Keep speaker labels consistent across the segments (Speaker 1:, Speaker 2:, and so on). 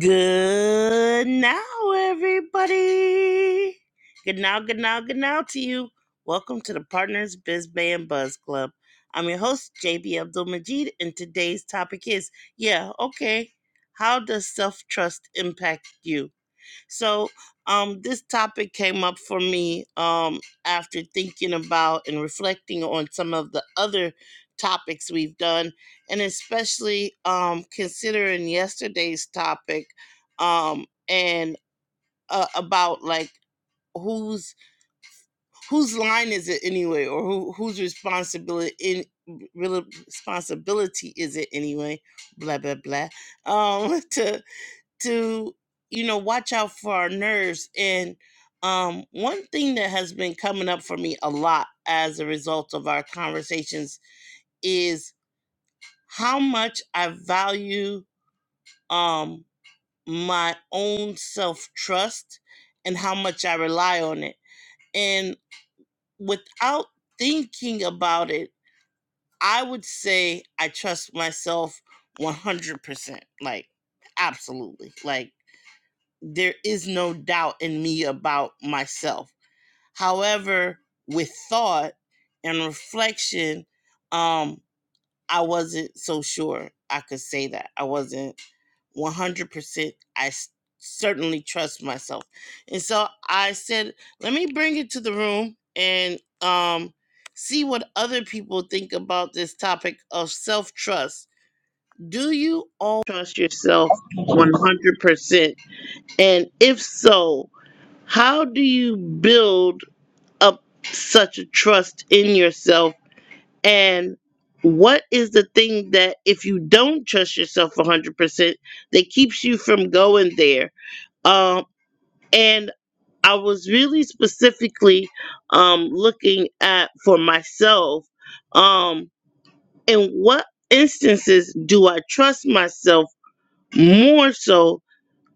Speaker 1: Good now, everybody. Good now, good now, good now to you. Welcome to the Partners Biz Band Buzz Club. I'm your host, JB Abdul Majid, and today's topic is yeah, okay. How does self trust impact you? So, um, this topic came up for me um, after thinking about and reflecting on some of the other topics we've done, and especially um, considering yesterday's topic um, and uh, about like whose whose line is it anyway, or who whose responsibility in re- responsibility is it anyway? Blah blah blah. Um, to to you know watch out for our nerves and um one thing that has been coming up for me a lot as a result of our conversations is how much i value um my own self trust and how much i rely on it and without thinking about it i would say i trust myself 100% like absolutely like there is no doubt in me about myself. However, with thought and reflection, um, I wasn't so sure I could say that. I wasn't 100%. I s- certainly trust myself. And so I said, let me bring it to the room and um, see what other people think about this topic of self trust. Do you all trust yourself 100%? And if so, how do you build up such a trust in yourself? And what is the thing that, if you don't trust yourself 100%, that keeps you from going there? Um, and I was really specifically um, looking at for myself um, in what instances do I trust myself more so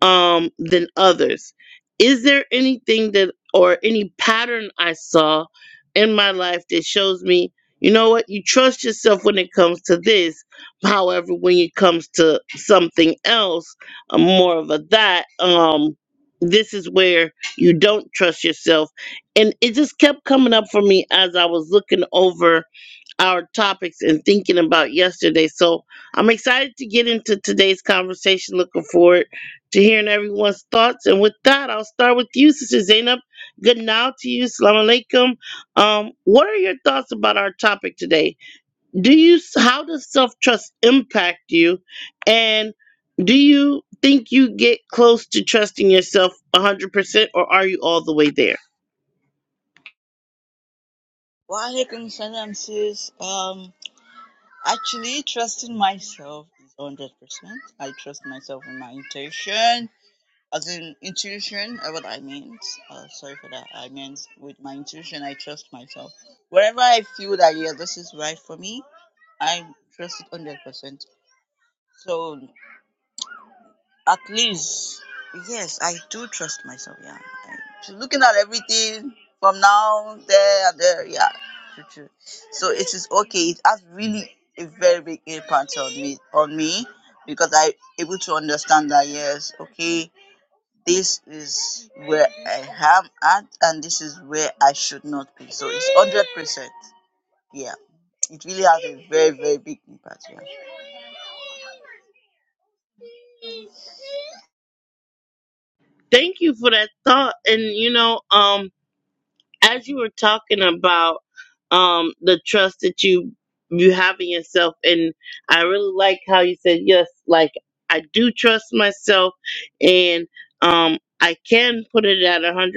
Speaker 1: um than others is there anything that or any pattern i saw in my life that shows me you know what you trust yourself when it comes to this however when it comes to something else uh, more of a that um this is where you don't trust yourself and it just kept coming up for me as i was looking over our topics and thinking about yesterday. So I'm excited to get into today's conversation. Looking forward to hearing everyone's thoughts. And with that, I'll start with you, Sister Zainab. Good now to you. Salam alaikum. Um, what are your thoughts about our topic today? do you how does self-trust impact you and do you think you get close to trusting yourself 100% or are you all the way there
Speaker 2: Walaikum salam sis. Um, actually, trusting myself is one hundred percent. I trust myself in my intuition, as in intuition. uh, What I meant. Uh, sorry for that. I meant with my intuition, I trust myself. Wherever I feel that yeah, this is right for me, I trust it one hundred percent. So At least, yes, I do trust myself. Yeah. I, so looking at everything from now, there, and there, yeah. True, true. So it is okay. It has really a very big impact on me, on me, because I able to understand that yes, okay, this is where I am at, and this is where I should not be. So it's hundred percent. Yeah, it really has a very very big impact. Yeah.
Speaker 1: thank you for that thought and you know um as you were talking about um the trust that you you have in yourself and i really like how you said yes like i do trust myself and um i can put it at 100%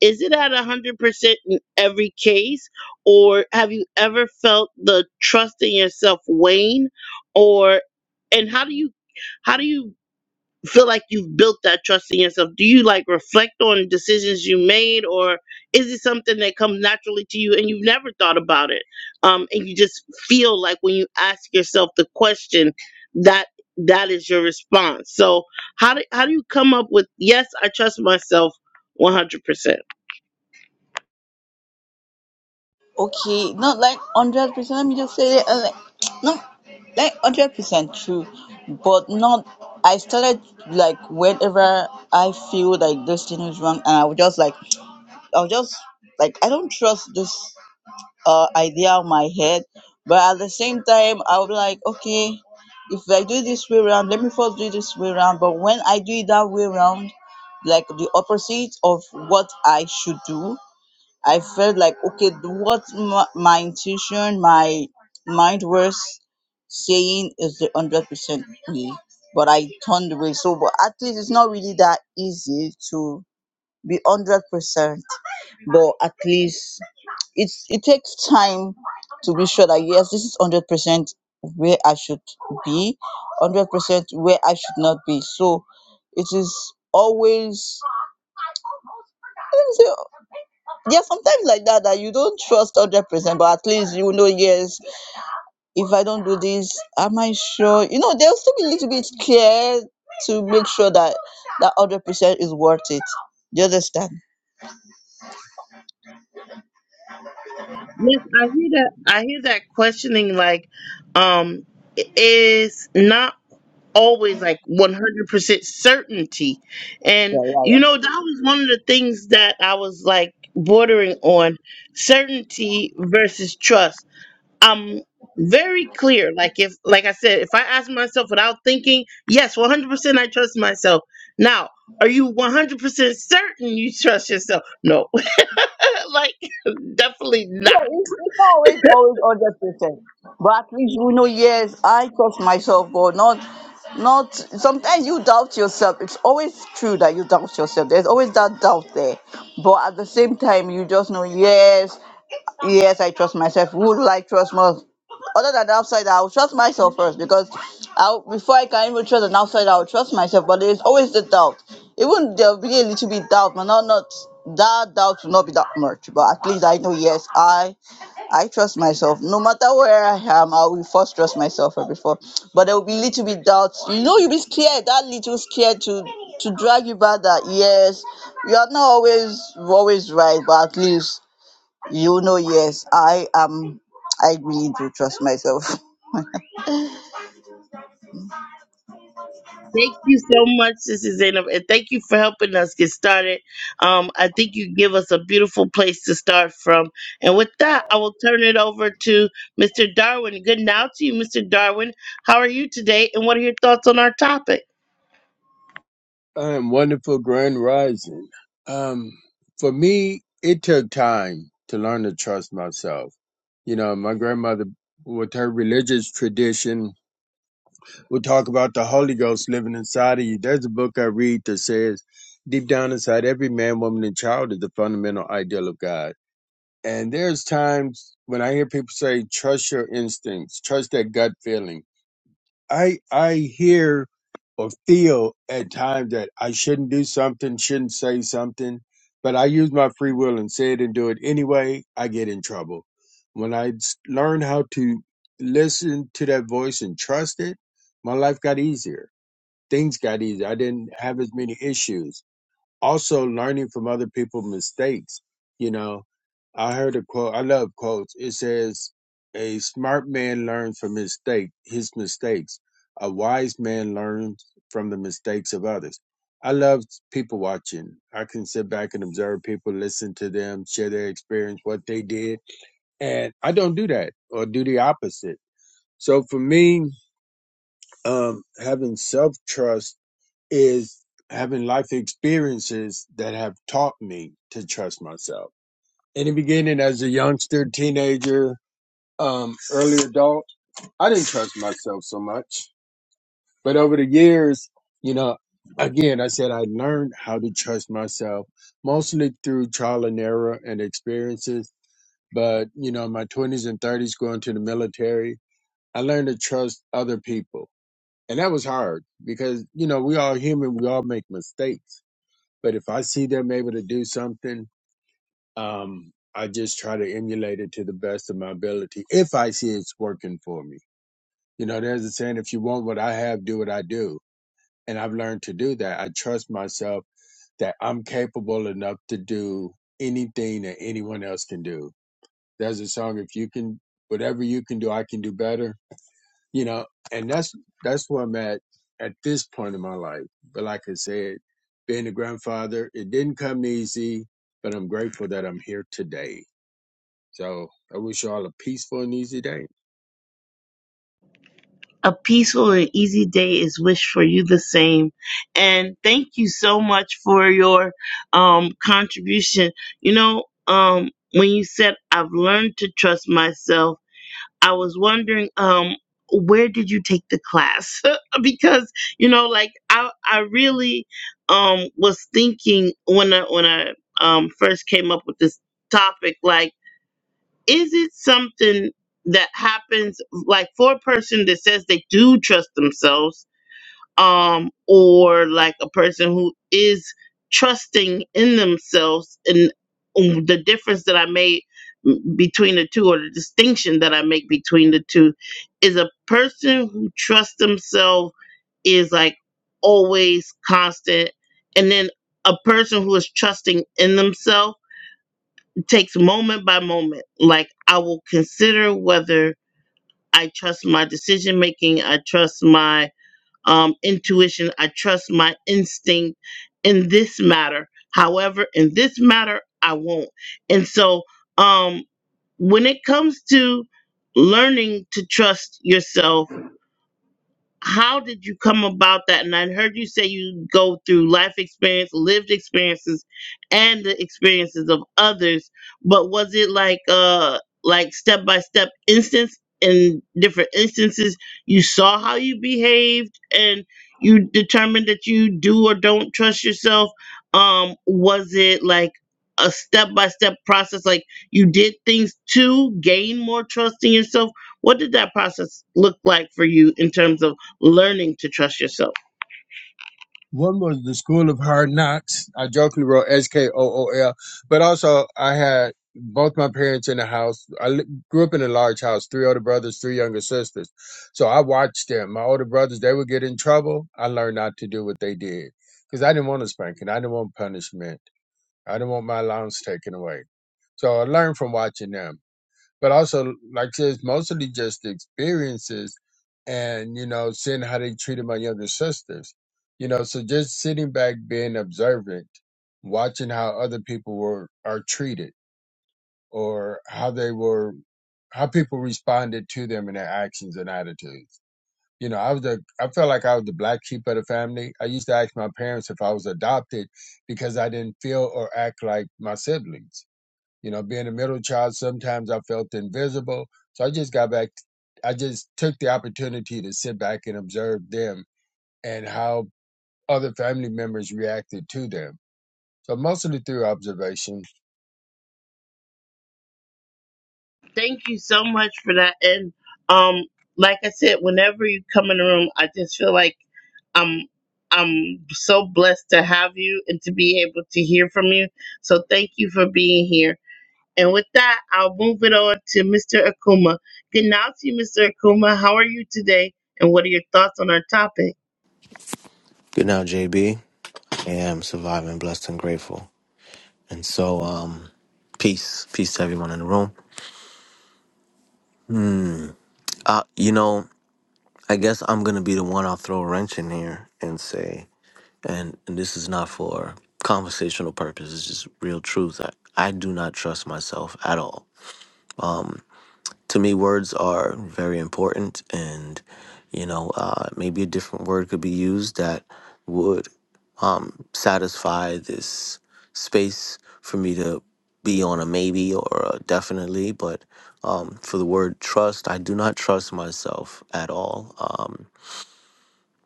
Speaker 1: is it at 100% in every case or have you ever felt the trust in yourself wane or and how do you how do you feel like you've built that trust in yourself do you like reflect on decisions you made or is it something that comes naturally to you and you've never thought about it um and you just feel like when you ask yourself the question that that is your response so how do, how do you come up with yes i trust myself 100%
Speaker 2: okay, not like hundred percent. Let me just say it, uh, like, no, like hundred percent true, but not. I started like whenever I feel like this thing is wrong, and I would just like I would just like I don't trust this uh idea of my head, but at the same time I would be like okay, if I do it this way around, let me first do it this way around. But when I do it that way around, like the opposite of what I should do, I felt like okay, th- what my, my intuition, my mind was saying is the hundred percent me, but I turned away. So, but at least it's not really that easy to be hundred percent. But at least it's it takes time to be sure that yes, this is hundred percent where I should be, hundred percent where I should not be. So, it is always I don't say There are sometimes like that that you don't trust hundred percent, but at least you know yes. If I don't do this, am I sure? You know, there'll still be a little bit care to make sure that that hundred percent is worth it. Do you understand?
Speaker 1: yes i hear that i hear that questioning like um is not always like 100% certainty. And
Speaker 2: Yeah, Yeah, yeah,
Speaker 1: you know, that was one of the things that I was like bordering on certainty versus trust. I'm very clear. Like if like I said, if I ask myself without thinking, yes, 100% I trust myself. Now, are you 100% certain you trust yourself? No. like definitely not.
Speaker 2: Yeah, it's, it's not always always hundred percent, but at least you know. Yes, I trust myself, God. Not, not. Sometimes you doubt yourself. It's always true that you doubt yourself. There's always that doubt there, but at the same time, you just know. Yes, yes, I trust myself. Would I trust more? other than the outside, I'll trust myself first because i before I can even trust an outside, I'll trust myself. But there's always the doubt. Even there'll be a little bit doubt, but not not that doubt will not be that much. But at least I know yes, I I trust myself. No matter where I am, I will first trust myself first before. But there will be a little bit doubts. You know, you'll be scared. That little scared to to drag you back. That yes, you are not always always right, but at least. You know, yes, I am. I really do trust myself.
Speaker 1: Thank you so much, Sister Zainab, and thank you for helping us get started. Um, I think you give us a beautiful place to start from. And with that, I will turn it over to Mr. Darwin. Good now to you, Mr. Darwin. How are you today, and what are your thoughts on our topic?
Speaker 3: Um, wonderful grand rising. Um, for me, it took time to learn to trust myself. You know, my grandmother, with her religious tradition, would talk about the Holy Ghost living inside of you. There's a book I read that says, deep down inside every man, woman, and child is the fundamental ideal of God. And there's times when I hear people say, trust your instincts, trust that gut feeling. I I hear or feel at times that I shouldn't do something, shouldn't say something, but I use my free will and say it and do it anyway. I get in trouble. When I s- learned how to listen to that voice and trust it, my life got easier. Things got easier. I didn't have as many issues also learning from other people's mistakes. You know, I heard a quote. I love quotes. It says, "A smart man learns from his mistake, his mistakes. A wise man learns from the mistakes of others." I love people watching. I can sit back and observe people, listen to them, share their experience, what they did, and I don't do that or do the opposite. So for me, um, having self trust is having life experiences that have taught me to trust myself. In the beginning, as a youngster, teenager, um, early adult, I didn't trust myself so much. But over the years, you know, again, I said I learned how to trust myself mostly through trial and error and experiences. But, you know, in my 20s and 30s, going to the military, I learned to trust other people. And that was hard because, you know, we all human, we all make mistakes But if I see them able to do something, um, I just try to emulate it to the best of my ability if I see it's working for me. You know, there's a saying, if you want what I have, do what I do. And I've learned to do that. I trust myself that I'm capable enough to do anything that anyone else can do. There's a song, if you can, whatever you can do, I can do better you know, and that's that's where I'm at at this point in my life. But like I said, being a grandfather, it didn't come easy, but I'm grateful that I'm here today. So I wish you all a peaceful and easy day.
Speaker 1: A peaceful and easy day is wished for you the same. And thank you so much for your um, contribution. You know, um, when you said, I've learned to trust myself I was wondering, um, where did you take the class? because you know, like I, I really, um, was thinking when I when I um first came up with this topic, like, is it something that happens like for a person that says they do trust themselves? um, or like a person who is trusting in themselves and um, the difference that I made m- between the two or the distinction that I make between the two is a person who trusts themselves is like always constant and then a person who is trusting in themselves takes moment by moment like I will consider whether I trust my decision making I trust my um, intuition. I trust my instinct in this matter. However, in this matter, I won't. And so, um, when it comes to learning to trust yourself how did you come about that? And I heard you say you go through life experience, lived experiences, and the experiences of others. But was it like uh like step by step instance in different instances you saw how you behaved and you determined that you do or don't trust yourself? Um, was it like a step by step process, like you did things to gain more trust in yourself? What did that process look like for you in terms of? learning to trust yourself.
Speaker 3: One was the School of Hard Knocks. I jokingly wrote S K O O L, but also I had both my parents in the house. I li- grew up in a large house, three older brothers, three younger sisters. So I watched them. My older brothers, they would get in trouble. I learned not to do what they did because I didn't want a spanking. I didn't want punishment. I didn't want my allowance taken away. So I learned from watching them but also like I said, it's mostly just the experiences and you know seeing how they treated my younger sisters you know so just sitting back being observant watching how other people were are treated or how they were how people responded to them in their actions and attitudes you know i was the i felt like i was the black sheep of the family i used to ask my parents if i was adopted because i didn't feel or act like my siblings you know, being a middle child, sometimes I felt invisible. So I just got back, I just took the opportunity to sit back and observe them and how other family members reacted to them. So mostly through observation
Speaker 1: Thank you so much for that. And um, like I said, whenever you come in the room, I just feel like I'm I'm so blessed to have you and to be able to hear from you. So thank you for being here. And with that, I'll move it on to Mr. Akuma. Good night to you, Mr. Akuma. How are you today? And what are your thoughts on our topic?
Speaker 4: Good now, JB. I am surviving, blessed, and grateful. And so, um, peace, peace to everyone in the room. Uh, you know, I guess I'm gonna be the one I'll throw a wrench in here and say, and, and this is not for conversational purposes, it's just real truth. I, I do not trust myself at all. to me, words are very important, and you know, uh, maybe a different word could be used that would um, satisfy this space for me to be on a maybe or a definitely. But um, for the word trust, I do not trust myself at all. Um,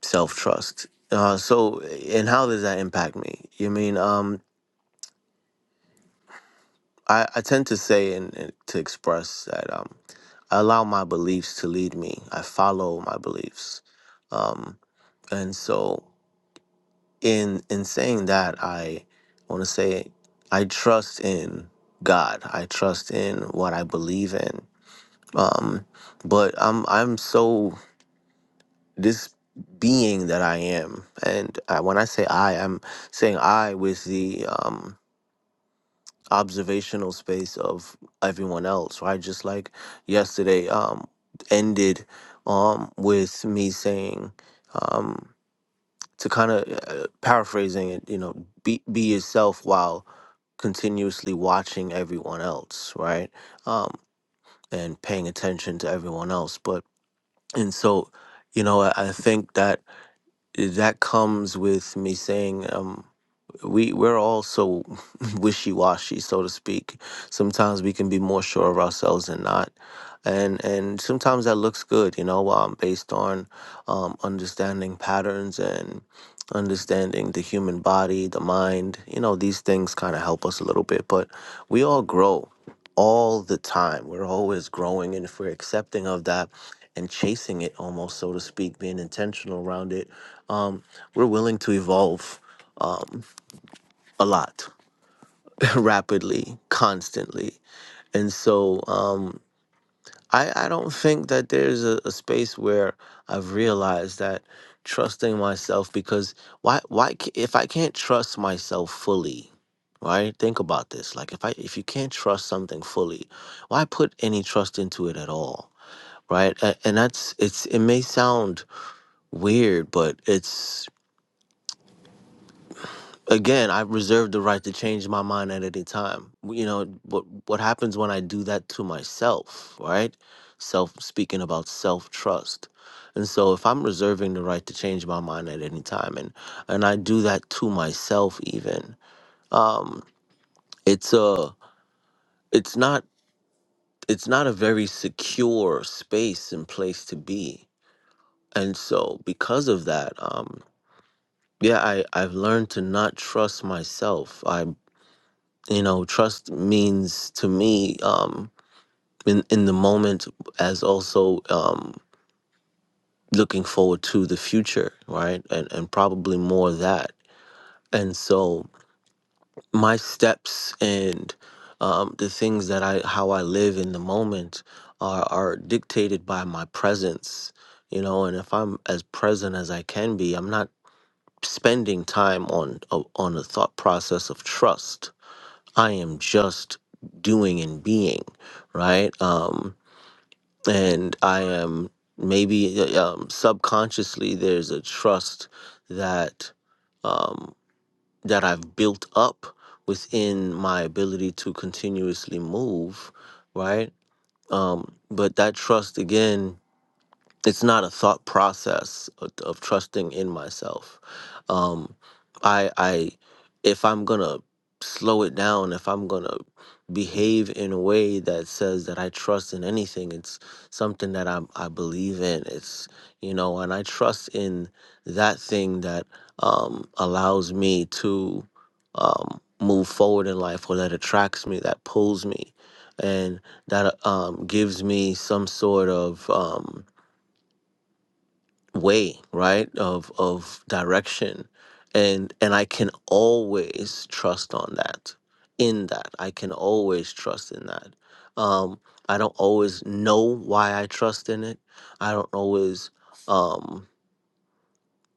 Speaker 4: Self trust. Uh, so, and how does that impact me? You mean um, I, I tend to say and, and to express that. Um, I allow my beliefs to lead me. I follow my beliefs. Um, and so in in saying that, I want to say I trust in God. I trust in what I believe in. Um, but I'm I'm so this being that I am, and I, when I say I, I'm saying I with the um, observational space of everyone else, right? Just like yesterday um, ended um, with me saying, um, to kind of uh, paraphrasing it, you know, be, be yourself while continuously watching everyone else, right? Um, and paying attention to everyone else. But, and so, you know, I, I think that that comes with me saying, um, we we're all so wishy-washy so to speak sometimes we can be more sure of ourselves than not and and sometimes that looks good you know um, based on um, understanding patterns and understanding the human body the mind you know these things kind of help us a little bit but we all grow all the time we're always growing and if we're accepting of that and chasing it almost so to speak being intentional around it um, we're willing to evolve um, a lot. rapidly, constantly. And so um, I, I don't think that there's a, a space where I've realized that trusting myself because why why ca- if I can't trust myself fully, right? Think about this. Like if I if you can't trust something fully, why put any trust into it at all? Right? A- And that's it's it may sound weird, but it's again, I reserve the right to change my mind at any time. You know, what what happens when I do that to myself, right? Self speaking about self trust. And so if I'm reserving the right to change my mind at any time and and I do that to myself even, um, it's a it's not it's not a very secure space and place to be. And so because of that, um, yeah, I, I've learned to not trust myself. I. you know trust means to me um in in the moment as also um looking forward to the future right and and probably more of that and so my steps and um the things that i how i live in the moment are are dictated by my presence you know and if i'm as present as i can be i'm not spending time on a, on a thought process of trust I am just doing and being, right? Um, and I am maybe uh, um, subconsciously there's a trust that um, that I've built up within my ability to continuously move, right? Um, but that trust again it's not a thought process of, of trusting in myself. Um, I, I, if I'm gonna slow it down, if I'm gonna behave in a way that says that I trust in anything, it's something that I'm, I believe in. It's you know, and I trust in that thing that um, allows me to um, move forward in life, or that attracts me, that pulls me, and that um, gives me some sort of um, way right of of direction and and i can always trust on that in that i can always trust in that um i don't always know why i trust in it i don't always um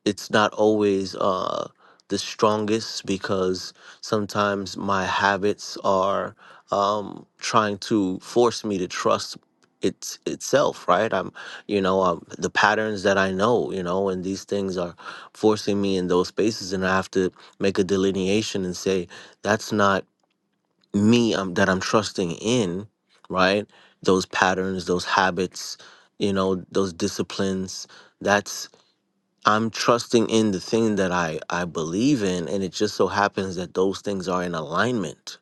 Speaker 4: it's not always uh the strongest because sometimes my habits are um trying to force me to trust it's itself right i'm you know um, the patterns that i know you know and these things are forcing me in those spaces and i have to make a delineation and say that's not me um, that i'm trusting in right those patterns those habits you know those disciplines That's. I'm trusting in the thing that I I believe in, and it just so happens that those things are in alignment,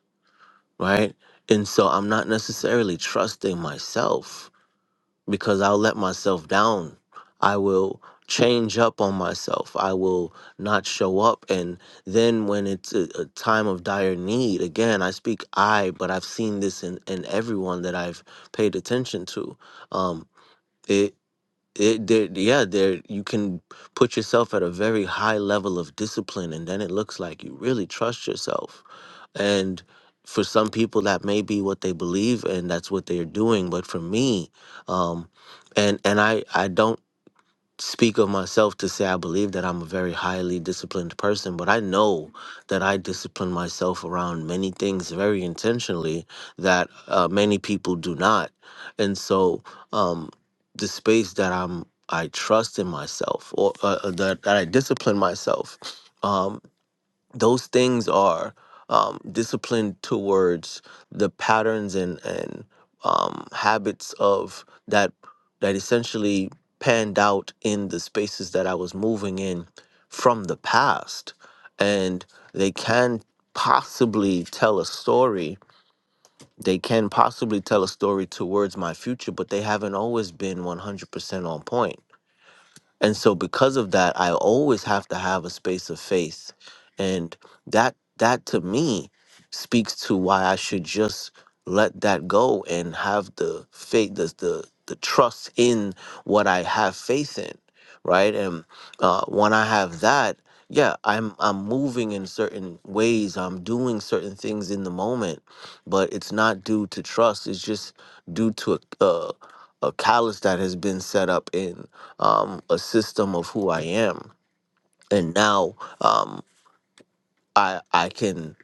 Speaker 4: right? And so I'm not necessarily trusting myself because I'll let myself down. I will change up on myself. I will not show up, and then when it's a, a time of dire need, again I speak I, but I've seen this in in everyone that I've paid attention to. Um, it, it there yeah there you can put yourself at a very high level of discipline and then it looks like you really trust yourself and for some people that may be what they believe and that's what they're doing but for me um and and i i don't speak of myself to say I believe that I'm a very highly disciplined person, but I know that I discipline myself around many things very intentionally that uh, many people do not. And so, um, the space that I'm, I trust in myself, or uh, uh, that, that I discipline myself. Um, those things are um, disciplined towards the patterns and and um, habits of that that essentially panned out in the spaces that I was moving in from the past, and they can possibly tell a story. They can possibly tell a story towards my future, but they haven't always been 100% on point and so because of that, I always have to have a space of faith. And that that to me speaks to why I should just let that go and have the faith, the the, the trust in what I have faith in. Right. And uh, when I have that, yeah, I'm I'm moving in certain ways. I'm doing certain things in the moment, but it's not due to trust. It's just due to a, a, a callus that has been set up in um, a system of who I am, and now um, I I can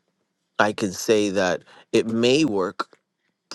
Speaker 4: I can say that it may work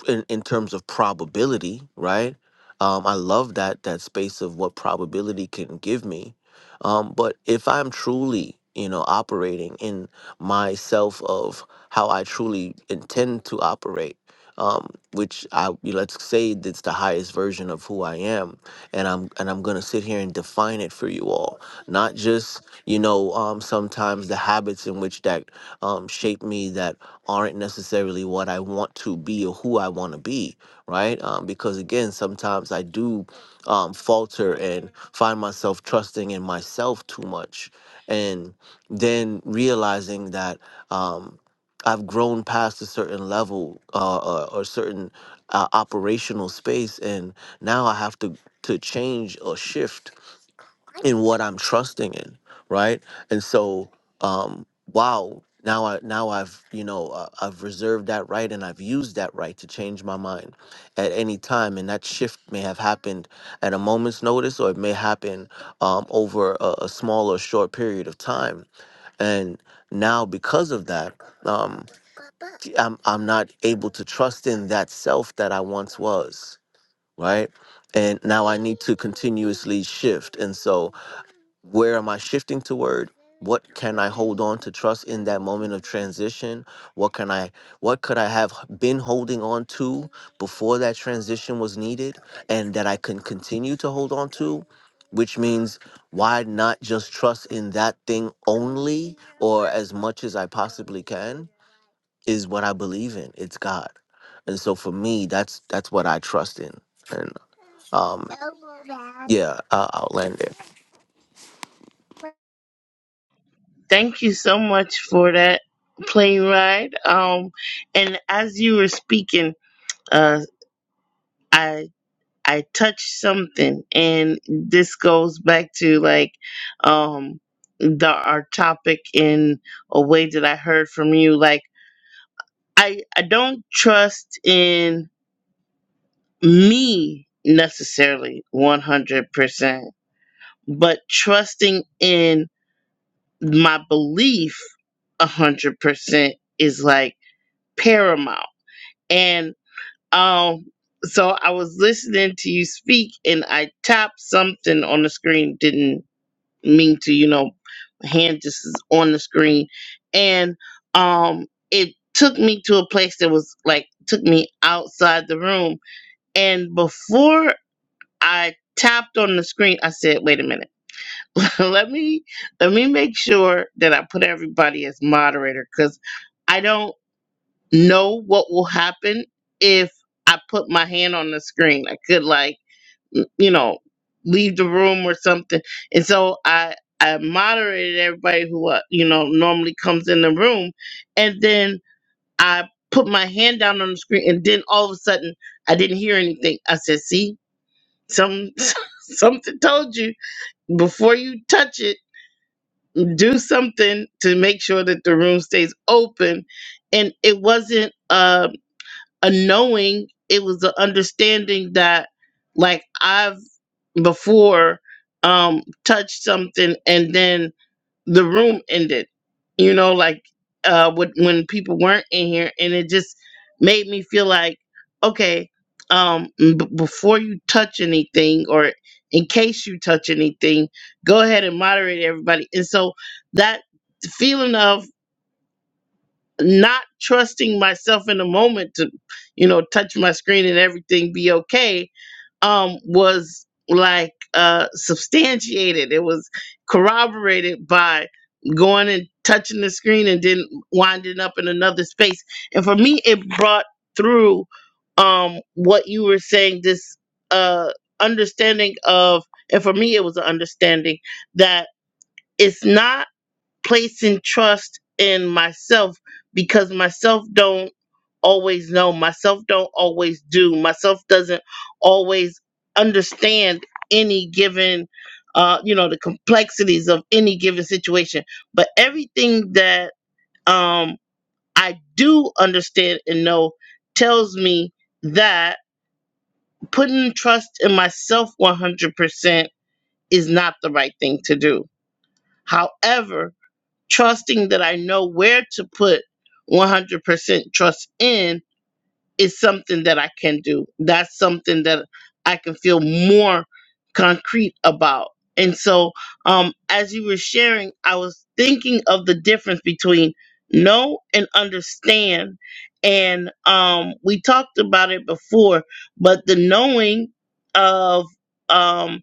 Speaker 4: in, in terms of probability, right? Um, I love that that space of what probability can give me. Um, but if I'm truly, you know, operating in myself of how I truly intend to operate, um, which I you know, let's say it's the highest version of who I am, and I'm and I'm gonna sit here and define it for you all, not just you know um, sometimes the habits in which that um, shape me that aren't necessarily what I want to be or who I want to be, right? Um, because again, sometimes I do um, falter and find myself trusting in myself too much, and then realizing that um, I've grown past a certain level uh, or, or certain uh, operational space, and now I have to to change or shift in what I'm trusting in, right? And so, um, wow, now I now I've you know uh, I've reserved that right and I've used that right to change my mind at any time, and that shift may have happened at a moment's notice, or it may happen um, over a, a small or short period of time, and now because of that, um, I'm I'm not able to trust in that self that I once was, right? And now I need to continuously shift, and so where am I shifting toward? What can I hold on to trust in that moment of transition? What can I what could I have been holding on to before that transition was needed and that I can continue to hold on to? Which means why not just trust in that thing only or as much as I possibly can is what I believe in. It's God. And so for me that's that's what I trust in. And um yeah, I, I'll land there.
Speaker 1: Thank you so much for that plane ride. Um, and as you were speaking, uh, I. I touched something, and this goes back to like um the our topic in a way that I heard from you. Like I I don't trust in me necessarily one hundred percent, but trusting in my belief a hundred percent is like paramount. And um so I was listening to you speak and I tapped something on the screen, didn't me to you know hand this is on the screen and um it took me to a place that was like took me outside the room and before i tapped on the screen i said wait a minute let me let me make sure that i put everybody as moderator because i don't know what will happen if i put my hand on the screen i could like n- you know leave the room or something and so i i moderated everybody who uh, you know normally comes in the room and then i put my hand down on the screen and then all of a sudden i didn't hear anything i said see some something told you before you touch it do something to make sure that the room stays open and it wasn't um a knowing it was the understanding that like i've before um touched something and then the room ended you know like uh with, when people weren't in here and it just made me feel like okay um b- before you touch anything or in case you touch anything go ahead and moderate everybody and so that feeling of not trusting myself in the moment to you know touch my screen and everything be okay um was like uh substantiated it was corroborated by going and touching the screen and then winding up in another space and for me it brought through um what you were saying this uh understanding of and for me it was an understanding that it's not placing trust in myself because myself don't always know myself don't always do myself doesn't always understand any given uh you know the complexities of any given situation but everything that um i do understand and know tells me that putting trust in myself 100% is not the right thing to do however trusting that I know where to put 100% trust in is something that I can do. That's something that I can feel more concrete about. And so, um, as you were sharing, I was thinking of the difference between know and understand. And um, we talked about it before, but the knowing of um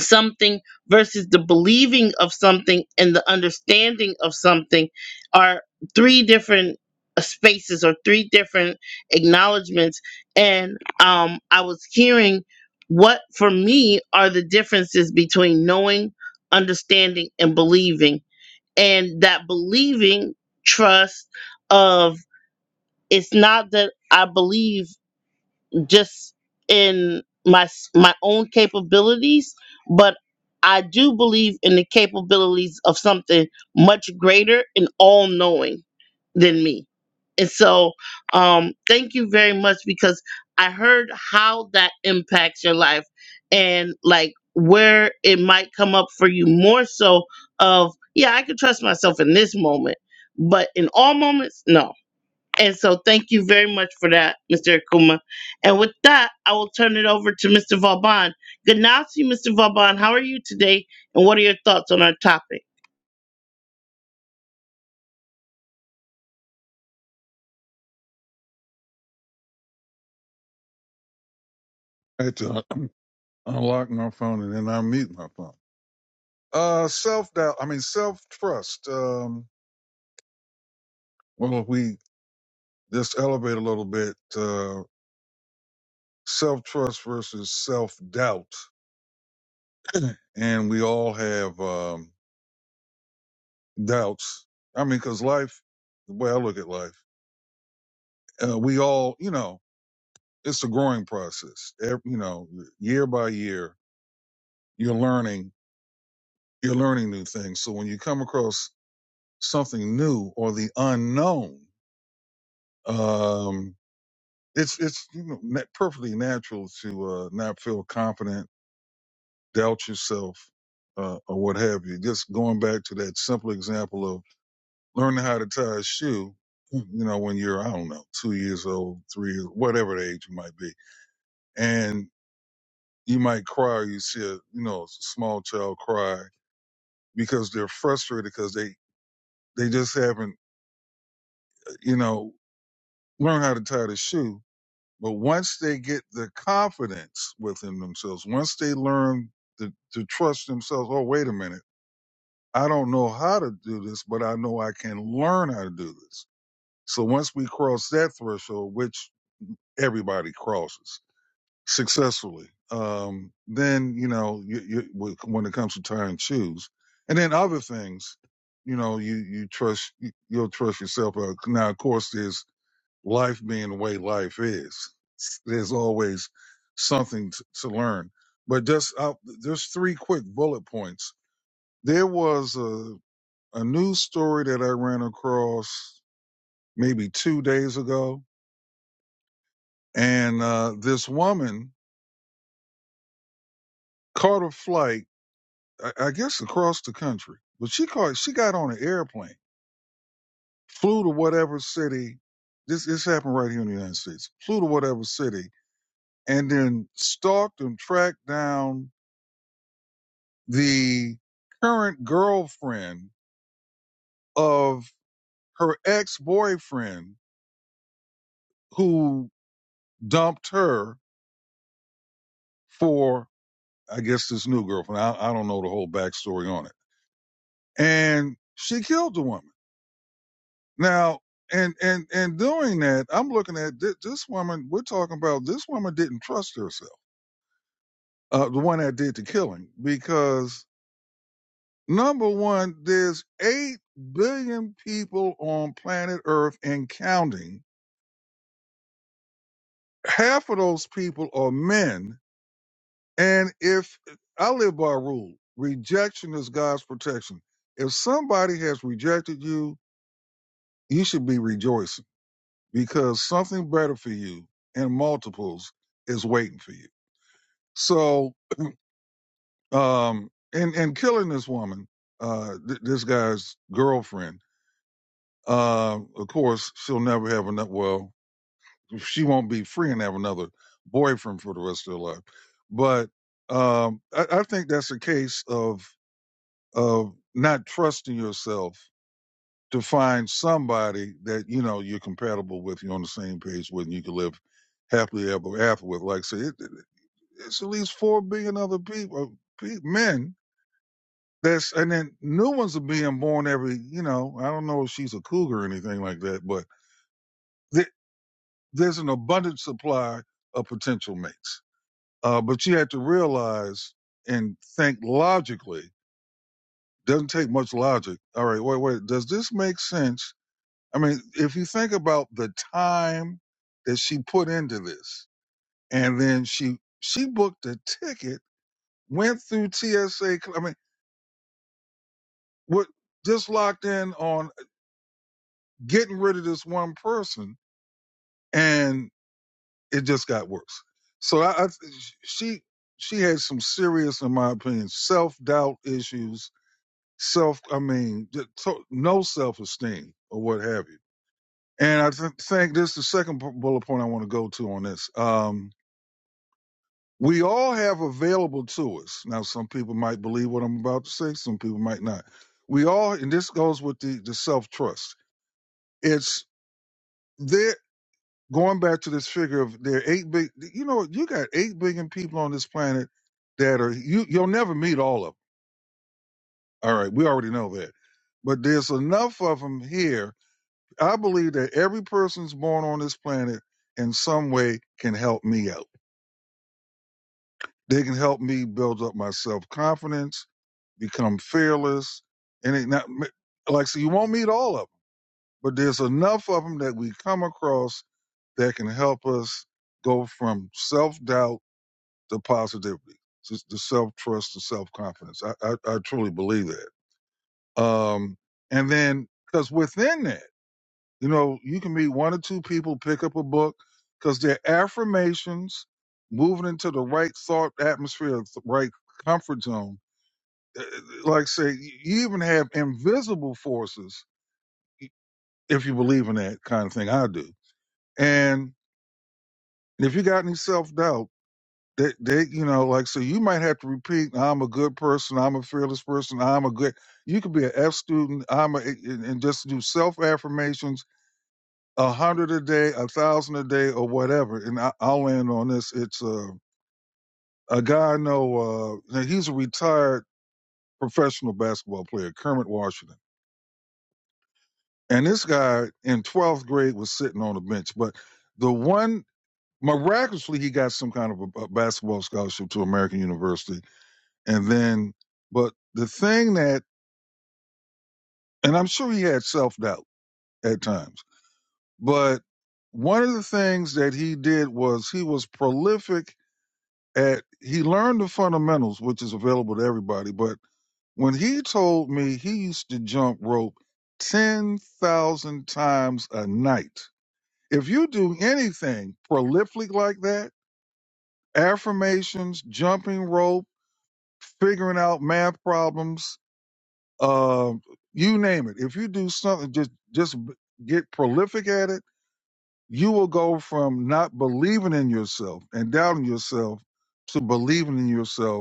Speaker 1: something versus the believing of something and the understanding of something are three different uh, spaces or three different acknowledgments and um i was hearing what for me are the differences between knowing understanding and believing and that believing trust of it's not that i believe just in my s- my own capabilities but i do believe in the capabilities of something much greater and all knowing than me and so um thank you very much because i heard how that impacts your life and like where it might come up for you more so of yeah i can trust myself in this moment but in all moments no and so thank you very much for that, Mr. Akuma. And with that, I will turn it over to Mr. Vauban. Good night to you, Mr. Vauban. How are you today? And what are your thoughts on our topic?
Speaker 5: I had to un- unlock my phone and then unmute my phone. Uh, self doubt. I mean, self trust. Um, well, if we just elevate a little bit, uh, self trust versus self doubt. And we all have, um, doubts. I mean, cause life, the way I look at life, uh, we all, you know, it's a growing process. Ev- you know, year by year, you're learning, you're learning new things. So when you come across something new or the unknown, um, it's it's you know na- perfectly natural to uh, not feel confident, doubt yourself, uh, or what have you. Just going back to that simple example of learning how to tie a shoe. You know, when you're I don't know two years old, three years, whatever the age you might be, and you might cry. Or you see a you know a small child cry because they're frustrated because they they just haven't uh, you know learned how to tie the shoe But once they get the confidence within themselves, once they learn to, to trust themselves, oh, wait a minute, I don't know how to do this, but I know I can learn how to do this. So once we cross that threshold, which everybody crosses successfully, um, then, you know, you, you, when it comes to tying shoes and then other things, you know, you, you trust, you'll trust yourself. uh, Now, of course, there's life being the way life is. There's always something t- to learn. But just out, there's three quick bullet points. There was a, a news story that I ran across maybe two days ago, and uh, this woman caught a flight, I, I guess across the country, but she caught she got on an airplane, flew to whatever city. This this happened right here in the United States. Flew to whatever city, and then stalked and tracked down the current girlfriend of her ex-boyfriend who dumped her for, I guess, this new girlfriend. I, I don't know the whole backstory on it. And she killed the woman. Now, and, and, and doing that, I'm looking at thi- this woman, we're talking about this woman didn't trust herself, uh, the one that did the killing, because number one, there's eight billion people on planet Earth and counting half of those people are men. And if I live by a rule, rejection is God's protection. If somebody has rejected you, you should be rejoicing because something better for you in multiples is waiting for you. So, um, and, and killing this woman, uh, th- this guy's girlfriend, um, of course, she'll never have enough. Well, she won't be free and have another boyfriend for the rest of her life. But um, I, I think that's a case of of not trusting yourself to find somebody that you know you're compatible with, you're on the same page with, and you can live happily ever after with. Like I say, it, it- it's at least four billion other people, pe- men. That's and then new ones are being born every. You know, I don't know if she's a cougar or anything like that, but th- there's an abundant supply of potential mates Uh, but you had to realize and think logically. Doesn't take much logic. All right, wait, wait. Does this make sense? I mean, if you think about the time that she put into this, and then she she booked a ticket, went through TSA. I mean, what just locked in on getting rid of this one person, and it just got worse. So I, I she she had some serious, in my opinion, self doubt issues self, I mean, th- to- no self esteem or what have you. And I th- think this is the second bu- bullet point I want to go to on this. Um, we all have available to us. Now, some people might believe what I'm about to say, some people might not. We all, and this goes with the, the self trust. It's there, going back to this figure of there are 8 big, you know, you got 8 billion people on this planet that are, you, you'll never meet all of them. All right, we already know that. But there's enough of them here I believe that every person's born on this planet in some way can help me out. They can help me build up my self confidence, become fearless, and it not like so. You won't meet all of them, but there's enough of them that we come across that can help us go from self doubt to positivity, to, to self trust to self confidence. I, I I truly believe that. Um, and then because within that. You know, you can meet one or two people, pick up a book, because they're affirmations moving into the right thought atmosphere, the right comfort zone. Uh, Like say, you even have invisible forces if you believe in that kind of thing. I do. And if you got any self doubt, they, they, you know, like so, you might have to repeat, "I'm a good person. I'm a fearless person. I'm a good." You could be an F student. I'm a, eh, and and just do self affirmations a hundred a day, a thousand a day, or whatever. And I, I'll land on this. It's uh, a guy I know. Uh, now he's a retired professional basketball player, Kermit Washington. And this guy in twelfth grade was sitting on a bench, but the one miraculously he got some kind of a, a basketball scholarship to American University, and then but the thing that, and I'm sure he had self doubt at times, but one of the things that he did was he was prolific at he learned the fundamentals, which is available to everybody. But when he told me he used to jump rope ten thousand times a night, if you do anything prolific like that, affirmations, jumping rope, figuring out math problems, uh, you name it. If you do something, just just get prolific at it. You will go from not believing in yourself and doubting yourself to believing in yourself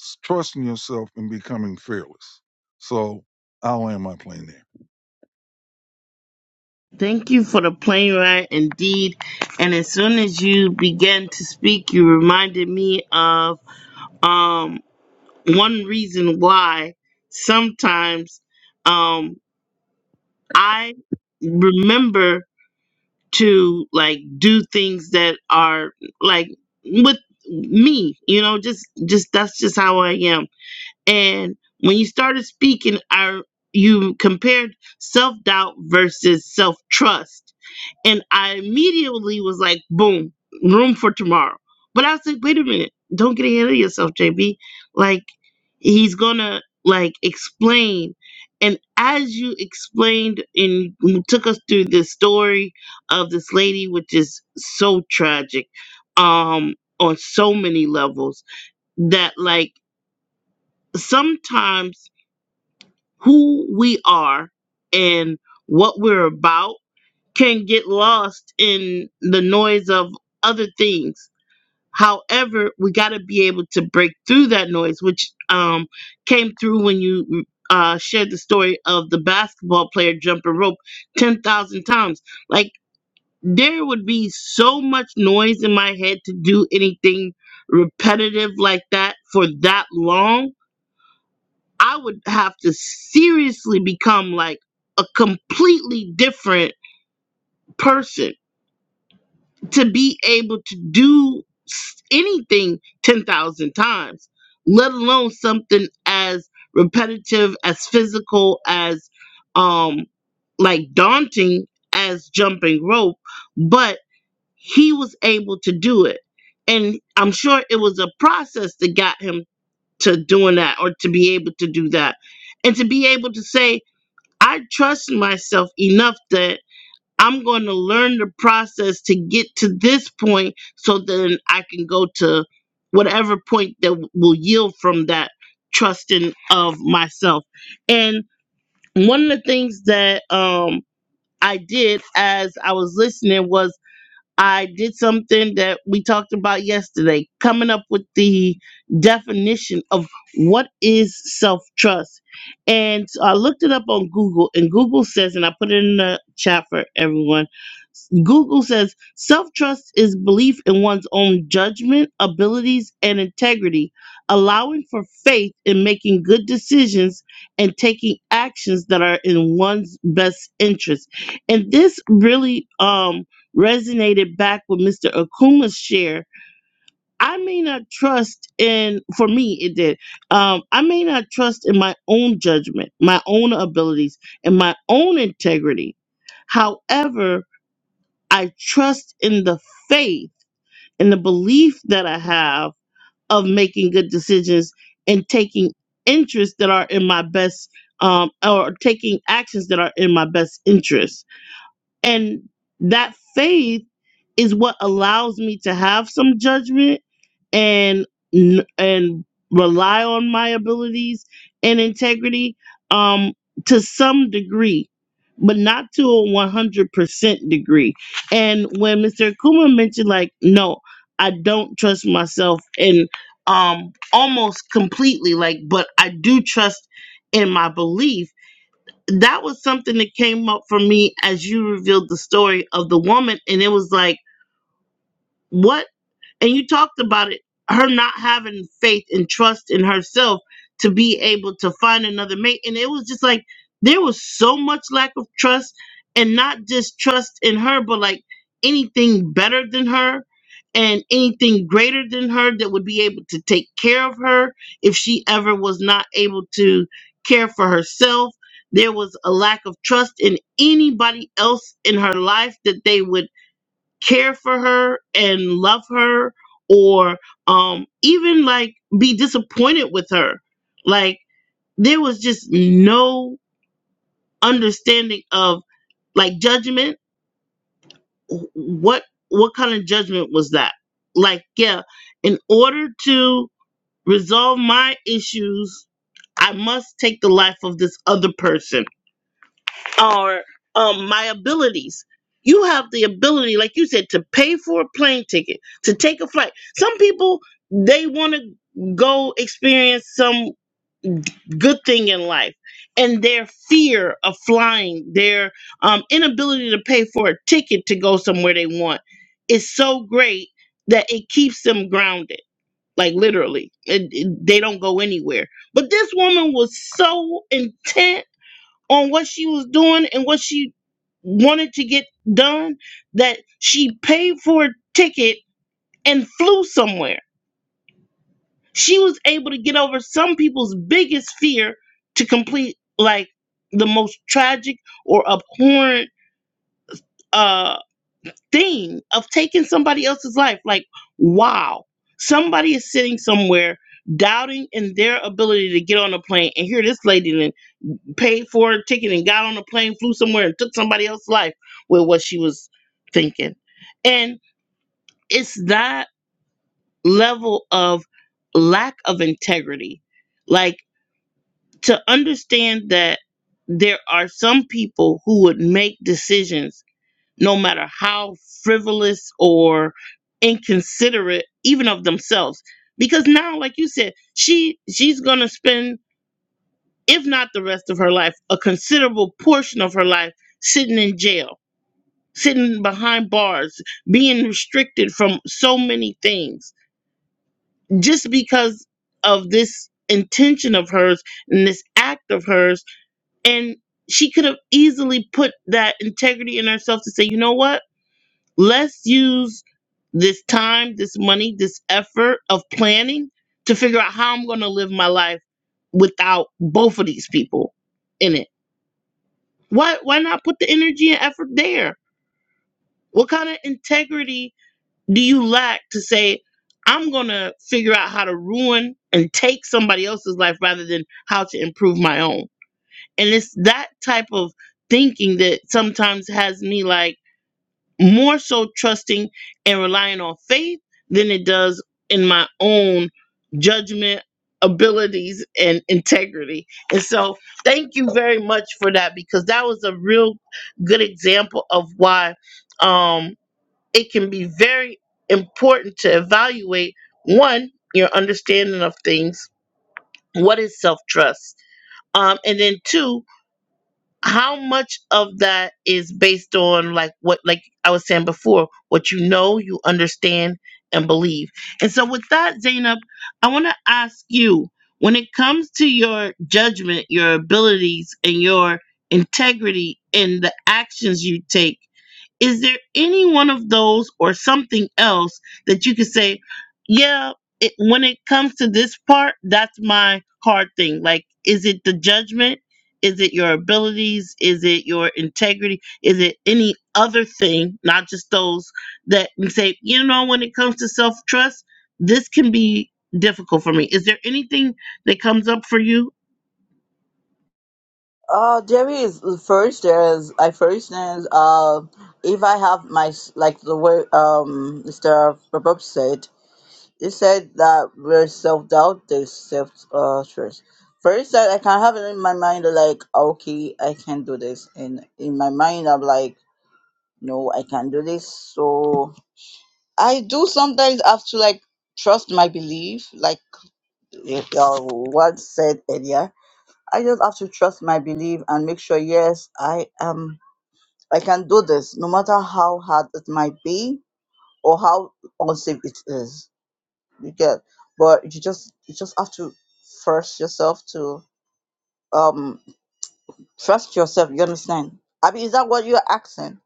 Speaker 5: s- trusting yourself and becoming fearless. So I'll land my plane there.
Speaker 1: Thank you for the plane ride indeed. And as soon as you began to speak, you reminded me of um, one reason why sometimes um, I remember to like do things that are like with me you know just just that's just how i am and when you started speaking i you compared self-doubt versus self-trust and I immediately was like, boom, room for tomorrow. But I was like, wait a minute, don't get ahead of yourself, JB. Like, he's gonna like explain. And as you explained and took us through this story of this lady, which is so tragic, um, on so many levels, that like sometimes who we are and what we're about can get lost in the noise of other things. However, we got to be able to break through that noise, which um, came through when you uh, shared the story of the basketball player jumping rope 10,000 times. Like, there would be so much noise in my head to do anything repetitive like that for that long. I would have to seriously become like a completely different person to be able to do s- anything 10,000 times, let alone something as repetitive, as physical, as um, like daunting as jumping rope, but he was able to do it. And I'm sure it was a process that got him to doing that or to be able to do that. And to be able to say, I trust myself enough that. I'm going to learn the process to get to this point so then I can go to whatever point that will yield from that trusting of myself. And one of the things that um, I did as I was listening was I did something that we talked about yesterday, coming up with the definition of what is self trust. And so I looked it up on Google, and Google says, and I put it in the chat for everyone Google says self trust is belief in one's own judgment, abilities, and integrity, allowing for faith in making good decisions and taking actions that are in one's best interest. And this really um, resonated back with Mr. Akuma's share. I may not trust in, for me, it did. Um, I may not trust in my own judgment, my own abilities, and my own integrity. However, I trust in the faith and the belief that I have of making good decisions and taking interests that are in my best um, or taking actions that are in my best interest. And that faith is what allows me to have some judgment and and rely on my abilities and integrity um to some degree but not to a 100% degree and when mr kuma mentioned like no i don't trust myself and um almost completely like but i do trust in my belief that was something that came up for me as you revealed the story of the woman and it was like what and you talked about it, her not having faith and trust in herself to be able to find another mate. And it was just like there was so much lack of trust and not just trust in her, but like anything better than her and anything greater than her that would be able to take care of her if she ever was not able to care for herself. There was a lack of trust in anybody else in her life that they would care for her and love her or um even like be disappointed with her like there was just no understanding of like judgment what what kind of judgment was that like yeah in order to resolve my issues i must take the life of this other person are um, my abilities. You have the ability, like you said, to pay for a plane ticket, to take a flight. Some people, they want to go experience some good thing in life, and their fear of flying, their um, inability to pay for a ticket to go somewhere they want, is so great that it keeps them grounded. Like literally, It- it- they don't go anywhere. But this woman was so intent on what she was doing and what she wanted to get done that she paid for a ticket and flew somewhere. She was able to get over some people's biggest fear to complete like the most tragic or abhorrent uh thing of taking somebody else's life. Like, wow. Somebody is sitting somewhere doubting in their ability to get on a plane and here this lady paid for a ticket and got on a plane, flew somewhere and took somebody else's life with what she was thinking. And it's that level of lack of integrity. Like to understand that there are some people who would make decisions no matter how frivolous or inconsiderate even of themselves because now like you said she she's going to spend if not the rest of her life, a considerable portion of her life sitting in jail, sitting behind bars, being restricted from so many things just because of this intention of hers and this act of hers. And she could have easily put that integrity in herself to say, you know what? Let's use this time, this money, this effort of planning to figure out how I'm going to live my life without both of these people in it Why why not put the energy and effort there? What kind of integrity do you lack to say I'm going to figure out how to ruin and take somebody else's life rather than how to improve my own? And it's that type of thinking that sometimes has me like more so trusting and relying on faith than it does in my own judgment abilities and integrity and so thank you very much for that because that was a real good example of why um it can be very important to evaluate one your understanding of things what is self-trust um and then two how much of that is based on like what like i was saying before what you know you understand and believe and so with that zainab i want to ask you when it comes to your judgment your abilities and your integrity in the actions you take is there any one of those or something else that you could say, yeah, it, when it comes to this part, that's my hard thing? Like, is it the judgment? Is it your abilities? Is it your integrity? Is it any other thing, not just those that we say, you know, when it comes to self trust, this can be difficult for me. Is there anything that comes up for you
Speaker 2: Uh, there is first. There's I first is uh, if I have my s- like the way um Mr. Bob said, he said that where self doubt, there's self uh trust. First, that I can have it in my mind like okay, I can do this, and in my mind I'm like no, I can do this. So I do sometimes have to like trust my belief, like. If uh, what said earlier. I just have to trust my belief and make sure, yes, I am. I can do this, no matter how hard it might be or how unsafe it is. You get, but you just you just have to force yourself to um trust yourself. You understand? I mean, is that what you're asking?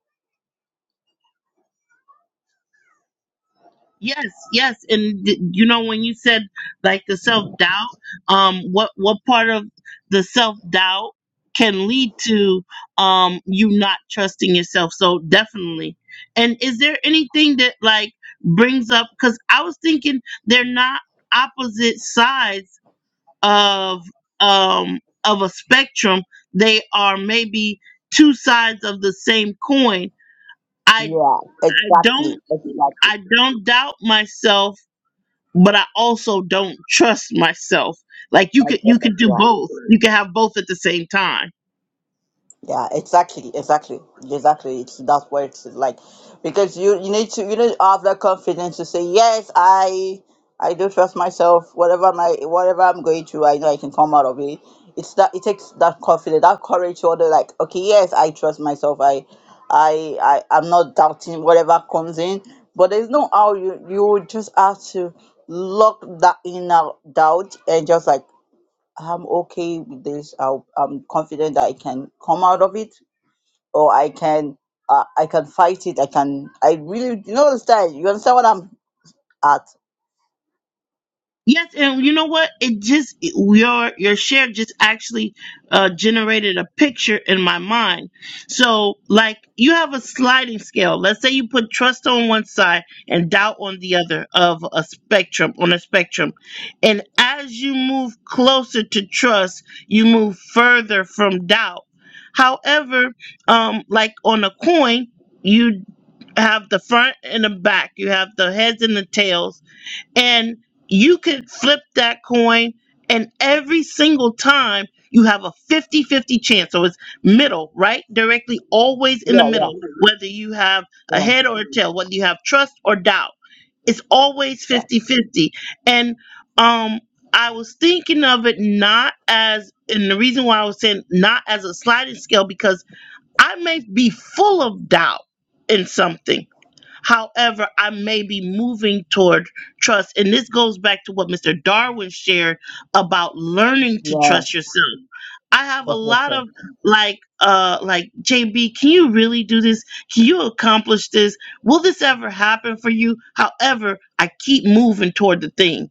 Speaker 1: Yes, yes, and d- you know when you said like the self doubt, um, what what part of the self doubt can lead to um you not trusting yourself? So definitely. And is there anything that like brings up? Because I was thinking they're not opposite sides of um of a spectrum. They are maybe two sides of the same coin. I
Speaker 2: Yeah,
Speaker 1: don't
Speaker 2: exactly, exactly.
Speaker 1: I don't doubt myself but I also don't trust myself. Like you
Speaker 2: My
Speaker 1: could you
Speaker 2: brother,
Speaker 1: could do
Speaker 2: yeah.
Speaker 1: both. You can have both at the same time.
Speaker 2: Yeah, exactly, exactly, exactly. It's that's where it's like because you you need to you need to have that confidence to say yes, I I do trust myself. Whatever my whatever I'm going through, I know I can come out of it. It's that it takes that confidence, that courage to order like okay, yes, I trust myself. I I I I'm not doubting whatever comes in, but there's no how you you just have to lock that inner doubt and just like I'm okay with this. I'll, I'm confident that I can come out of it, or I can, uh, I can fight it. I can. I really, you know, understand. You understand what I'm at?
Speaker 1: Yes, and you know what? It just it- your your share just actually uh, generated a picture in my mind. So, like you have a sliding scale. Let's say you put trust on one side and doubt on the other of a spectrum on a spectrum, and as you move closer to trust, you move further from doubt. However, um, like on a coin, you have the front and the back. You have the heads and the tails and you could flip that coin and every single time you have a fifty-fifty chance so it's middle right directly always in the
Speaker 2: Yeah, yeah,
Speaker 1: middle whether you have a
Speaker 2: yeah,
Speaker 1: head or a tail whether you have trust or doubt it's always
Speaker 2: yeah.
Speaker 1: fifty-fifty. and um i was thinking of it not as and the reason why i was saying not as a sliding scale because i may be full of doubt in something However, I may be moving toward trust. And this goes back to what Mr. Darwin shared about learning to
Speaker 2: yeah.
Speaker 1: trust yourself. I have a
Speaker 2: That's what
Speaker 1: lot
Speaker 2: I
Speaker 1: of like uh like JB, can you really do this? Can you accomplish this? Will this ever happen for you? However, I keep moving toward the thing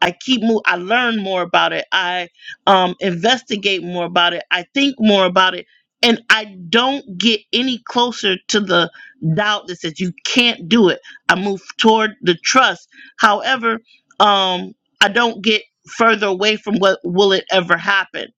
Speaker 1: I keep move. I learn more about it. I um, investigate more about it. I think more about it, and I don't get any closer to the doubt that says you can't do it. I move toward the trust. However, um, I don't get further away from what will it ever happen.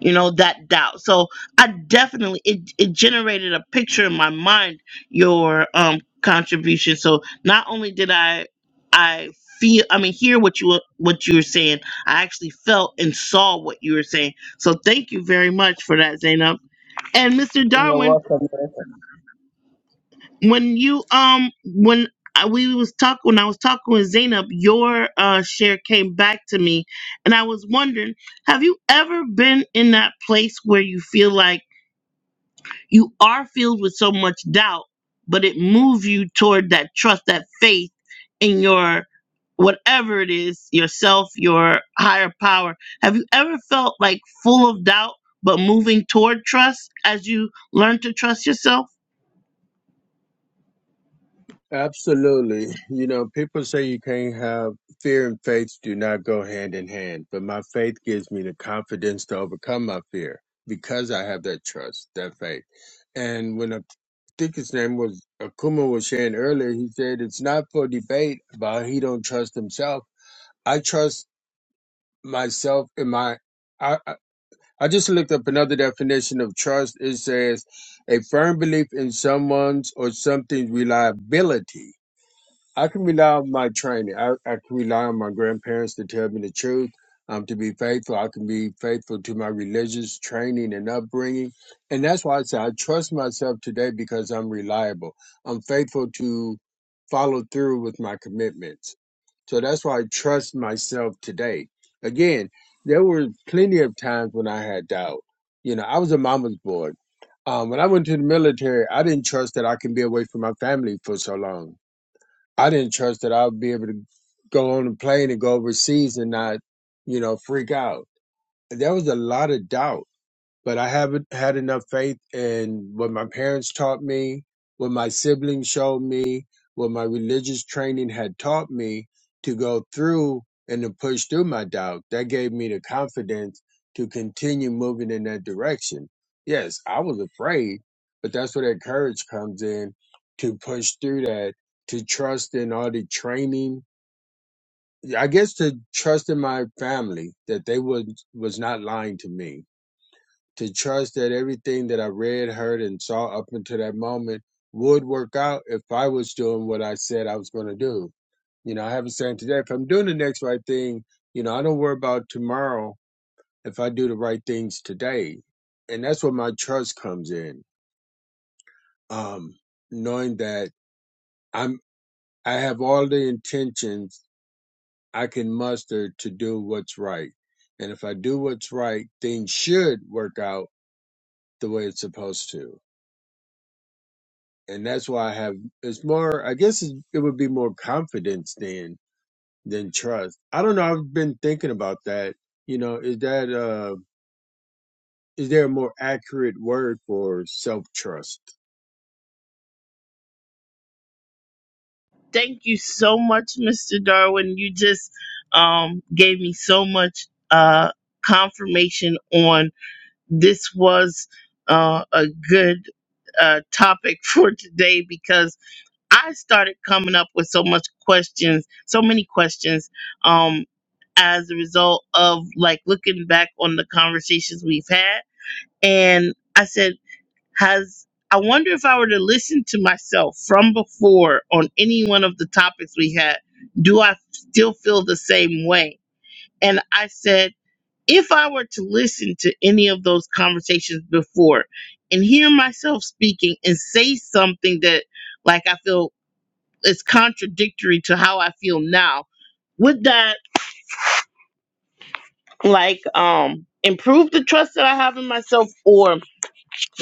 Speaker 1: You know that doubt. So I definitely it it generated a picture in my mind. Your um contribution. So not only did I I feel i mean hear what you were- what you were saying i actually felt and saw what you were saying so thank you very much for that zainab and mr
Speaker 2: You're
Speaker 1: darwin
Speaker 2: welcome. you're welcome.
Speaker 1: when you um when I, we was talking when i was talking with zainab your uh share came back to me and i was wondering have you ever been in that place where you feel like you are filled with so much doubt, but it moves you toward that trust, that faith in your whatever it is, yourself, your higher power. Have you ever felt like full of doubt, but moving toward trust as you learn to trust yourself?
Speaker 3: Absolutely. You know, people say you can't have fear and faith do not go hand in hand, but my faith gives me the confidence to overcome my fear because I have that trust, that faith. And when I think his name was Akuma was sharing earlier, he said it's not for debate about he don't trust himself. I trust myself in my I I I just looked up another definition of trust. It says a firm belief in someone's or something's reliability I can rely on my training. I, I can rely on my grandparents to tell me the truth. Um, to be faithful, I can be faithful to my religious training and upbringing, and that's why I say I trust myself today because I'm reliable. I'm faithful to follow through with my commitments, so that's why I trust myself today. Again, there were plenty of times when I had doubt. You know, I was a mama's boy. Um, when I went to the military, I didn't trust that I can be away from my family for so long I didn't trust that I would be able to go on a plane and go overseas and not, you know, freak out. There was a lot of doubt but I haven't had enough faith in what my parents taught me, what my siblings showed me, what my religious training had taught me to go through and to push through my doubt. That gave me the confidence to continue moving in that direction. Yes, I was afraid, but that's where that courage comes in to push through that, to trust in all the training. I guess to trust in my family that they was was not lying to me to trust that everything that I read, heard, and saw up until that moment would work out if I was doing what I said I was going to do. You know, I have a saying today if I'm doing the next right thing, you know, I don't worry about tomorrow if I do the right things today. And that's where my trust comes in. Um, knowing that I'm, I have all the intentions I can muster to do what's right. And if I do what's right, things should work out the way it's supposed to and that's why I have. It's more. I guess it, it would be more confidence than than trust. I don't know. I've been thinking about that. You know, is that uh, is there a more accurate word for self trust?
Speaker 1: Thank you so much, Mr. Darwin. You just um, gave me so much uh, confirmation on this was uh, a good uh, topic for today because I started coming up with so much questions, so many questions, um, as a result of like looking back on the conversations we've had. And I said, has I wonder if I were to listen to myself from before on any one of the topics we had, do I still feel the same way? And I said, if I were to listen to any of those conversations before and hear myself speaking and say something that like I feel it's contradictory to how I feel now. Would that like um improve the trust that I have in myself, or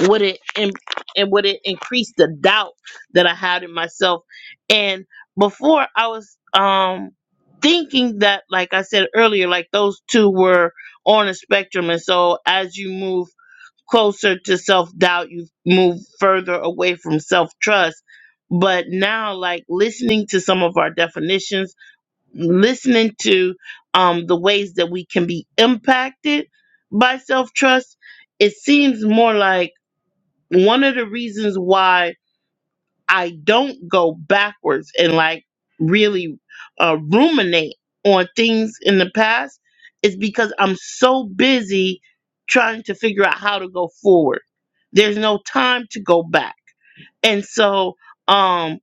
Speaker 1: would it im- and would it increase the doubt that I had in myself? And before I was um thinking that, like I said earlier, like those two were on a spectrum, and so as you move closer to self doubt, you move further away from self trust. But now, like listening to some of our definitions listening to um, the ways that we can be impacted by self trust, it seems more like one of the reasons why I don't go backwards and like really uh, ruminate on things in the past is because I'm so busy trying to figure out how to go forward. There's no time to go back. And so, um,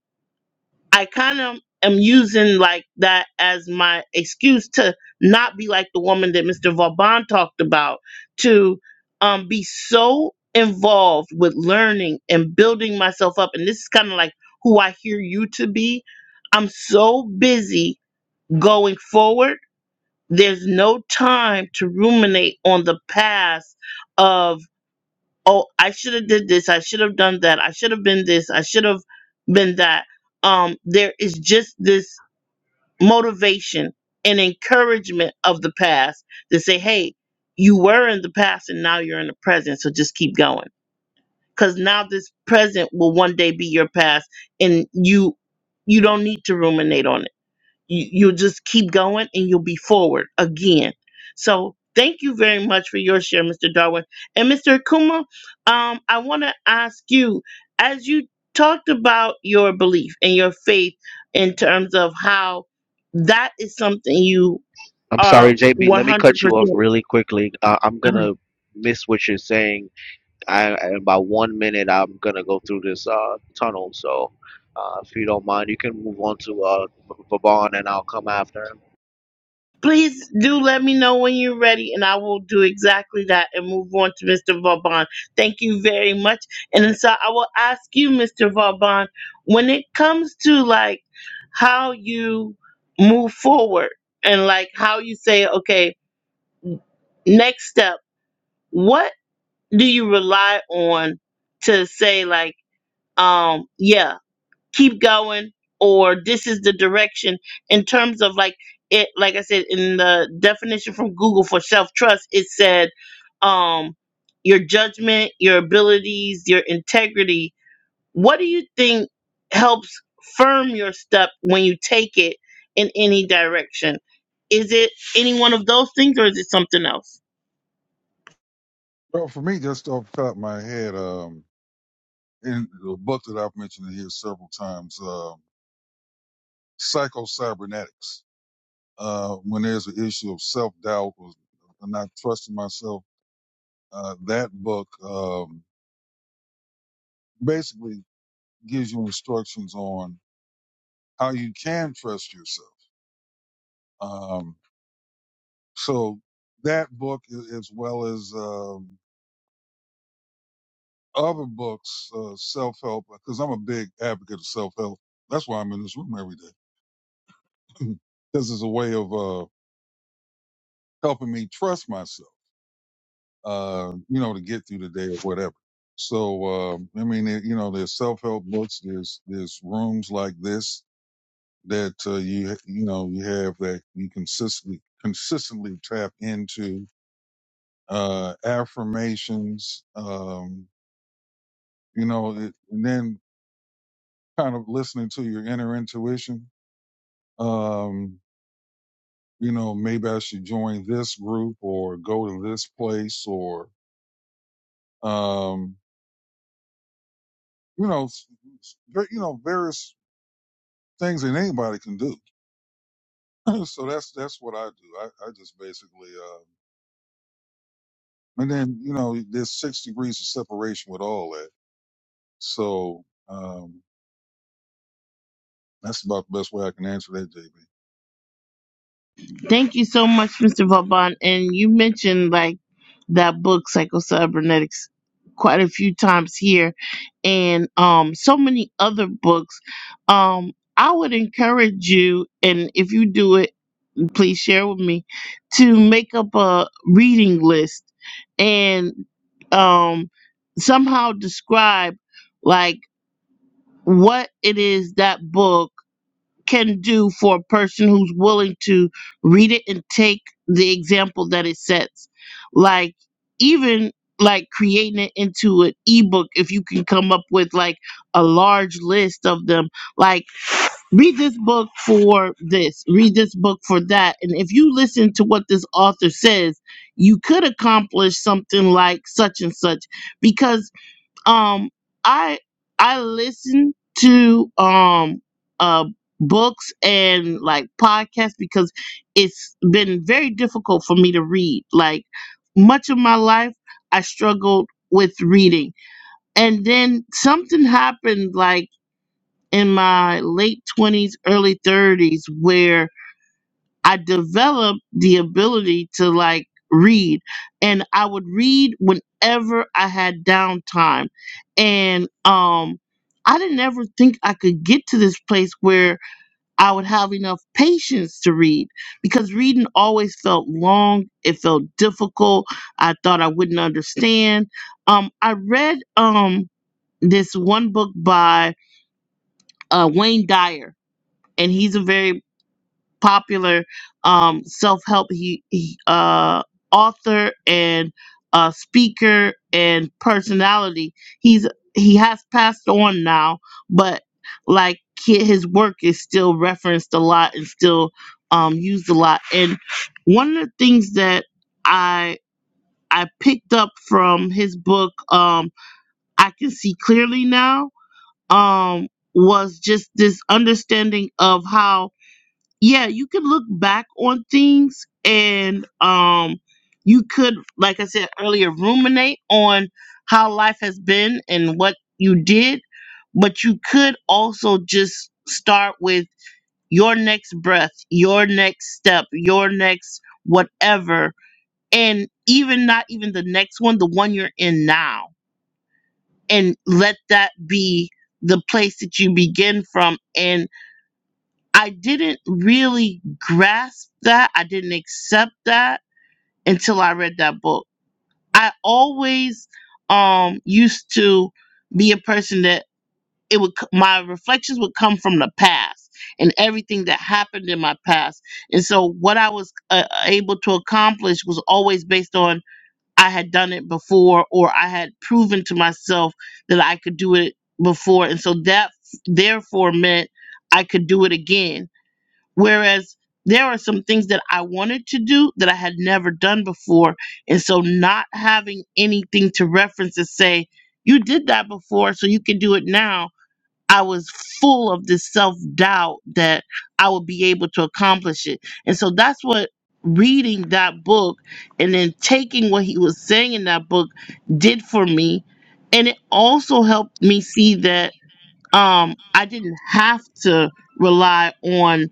Speaker 1: I kind of am using like that as my excuse to not be like the woman that Mr. Vauban talked about, to um, be so involved with learning and building myself up. And this is kind of like who I hear you to be. I'm so busy going forward. There's no time to ruminate on the past of, oh, I should have did this. I should have done that. I should have been this. I should have been that um there is just this motivation and encouragement of the past to say, hey, you were in the past and now you're in the present, so just keep going. Because now this present will one day be your past and you you don't need to ruminate on it you, you'll just keep going and you'll be forward again. So thank you very much for your share, Mr. Darwin. And Mr. Akuma, um, I want to ask you, as you talked about your belief and your faith in terms of how that is something you
Speaker 4: I'm
Speaker 1: are
Speaker 4: sorry, JB. Let me
Speaker 1: 100%.
Speaker 4: cut you off
Speaker 1: percent
Speaker 4: really quickly. Uh, I'm gonna miss what you're saying. I in about one minute, I'm gonna go through this uh, tunnel. So, uh, if you don't mind, you can move on to uh, Vaughn, and I'll come after.
Speaker 1: Please do let me know when you're ready, and I will do exactly that and move on to Mr. Vauban. Thank you very much. And so I will ask you, Mr. Vauban, when it comes to like how you move forward and like how you say, okay, next step, what do you rely on to say, like, um, yeah, keep going or this is the direction in terms of like it like i said in the definition from google for self-trust it said um your judgment your abilities your integrity what do you think helps firm your step when you take it in any direction is it any one of those things or is it something else
Speaker 5: Well, for me, just off the top of my head, um, in the book that I've mentioned here several times, uh, Psycho Cybernetics. Uh, when there's an issue of self doubt or not trusting myself, uh, that book um, basically gives you instructions on how you can trust yourself. Um, so that book, a- as well as um. other books, uh, self help, because I'm a big advocate of self help. That's why I'm in this room every day. This is a way of uh, helping me trust myself, uh, you know, to get through the day or whatever. So, um I mean, there- you know, there's self help books, there's there's rooms like this that uh, you you know you have that you consistently consistently tap into uh, affirmations, um, you know, it, and then kind of listening to your inner intuition um, you know, maybe I should join this group or go to this place or, um, you know, s- s- ver- you know, various things that anybody can do. so that's, that's what I do. I, I just basically, um, and then, you know, there's six degrees of separation with all that. So, um, that's about the best way I can answer that, JB.
Speaker 1: thank you so much mr vauban and you mentioned like that book psychocybernetics quite a few times here and um so many other books um i would encourage you and if you do it please share with me to make up a reading list and um somehow describe like what it is that book can do for a person who's willing to read it and take the example that it sets. Like even like creating it into an ebook if you can come up with like a large list of them like read this book for this read this book for that and if you listen to what this author says you could accomplish something like such and such because um i i listen to um uh books and like podcasts because it's been very difficult for me to read like much of my life i struggled with reading and then something happened like in my late 20s early 30s where I developed the ability to like read and I would read whenever I had downtime. And um I didn't ever think I could get to this place where I would have enough patience to read because reading always felt long, it felt difficult. I thought I wouldn't understand. Um I read um this one book by uh Wayne Dyer and he's a very popular um, self-help he, he uh, author and uh, speaker and personality. He's he has passed on now, but like hi- his work is still referenced a lot and still um, used a lot. And one of the things that I I picked up from his book, um, I can see clearly now, um, was just this understanding of how yeah, you can look back on things and um you could like I said earlier ruminate on how life has been and what you did, but you could also just start with your next breath, your next step, your next whatever and even not even the next one, the one you're in now and let that be the place that you begin from and. I didn't really grasp that. I didn't accept that until I read that book. I always um used to be a person that it would c- my reflections would come from the past and everything that happened in my past. And so what I was uh, able to accomplish was always based on I had done it before or I had proven to myself that I could do it before. And so that therefore meant I could do it again Whereas there are some things that I wanted to do that I had never done before. And so not having anything to reference to say, you did that before, so you can do it now. I was full of this self doubt that I would be able to accomplish it. And so that's what reading that book and then taking what he was saying in that book did for me. And it also helped me see that um, I didn't have to rely on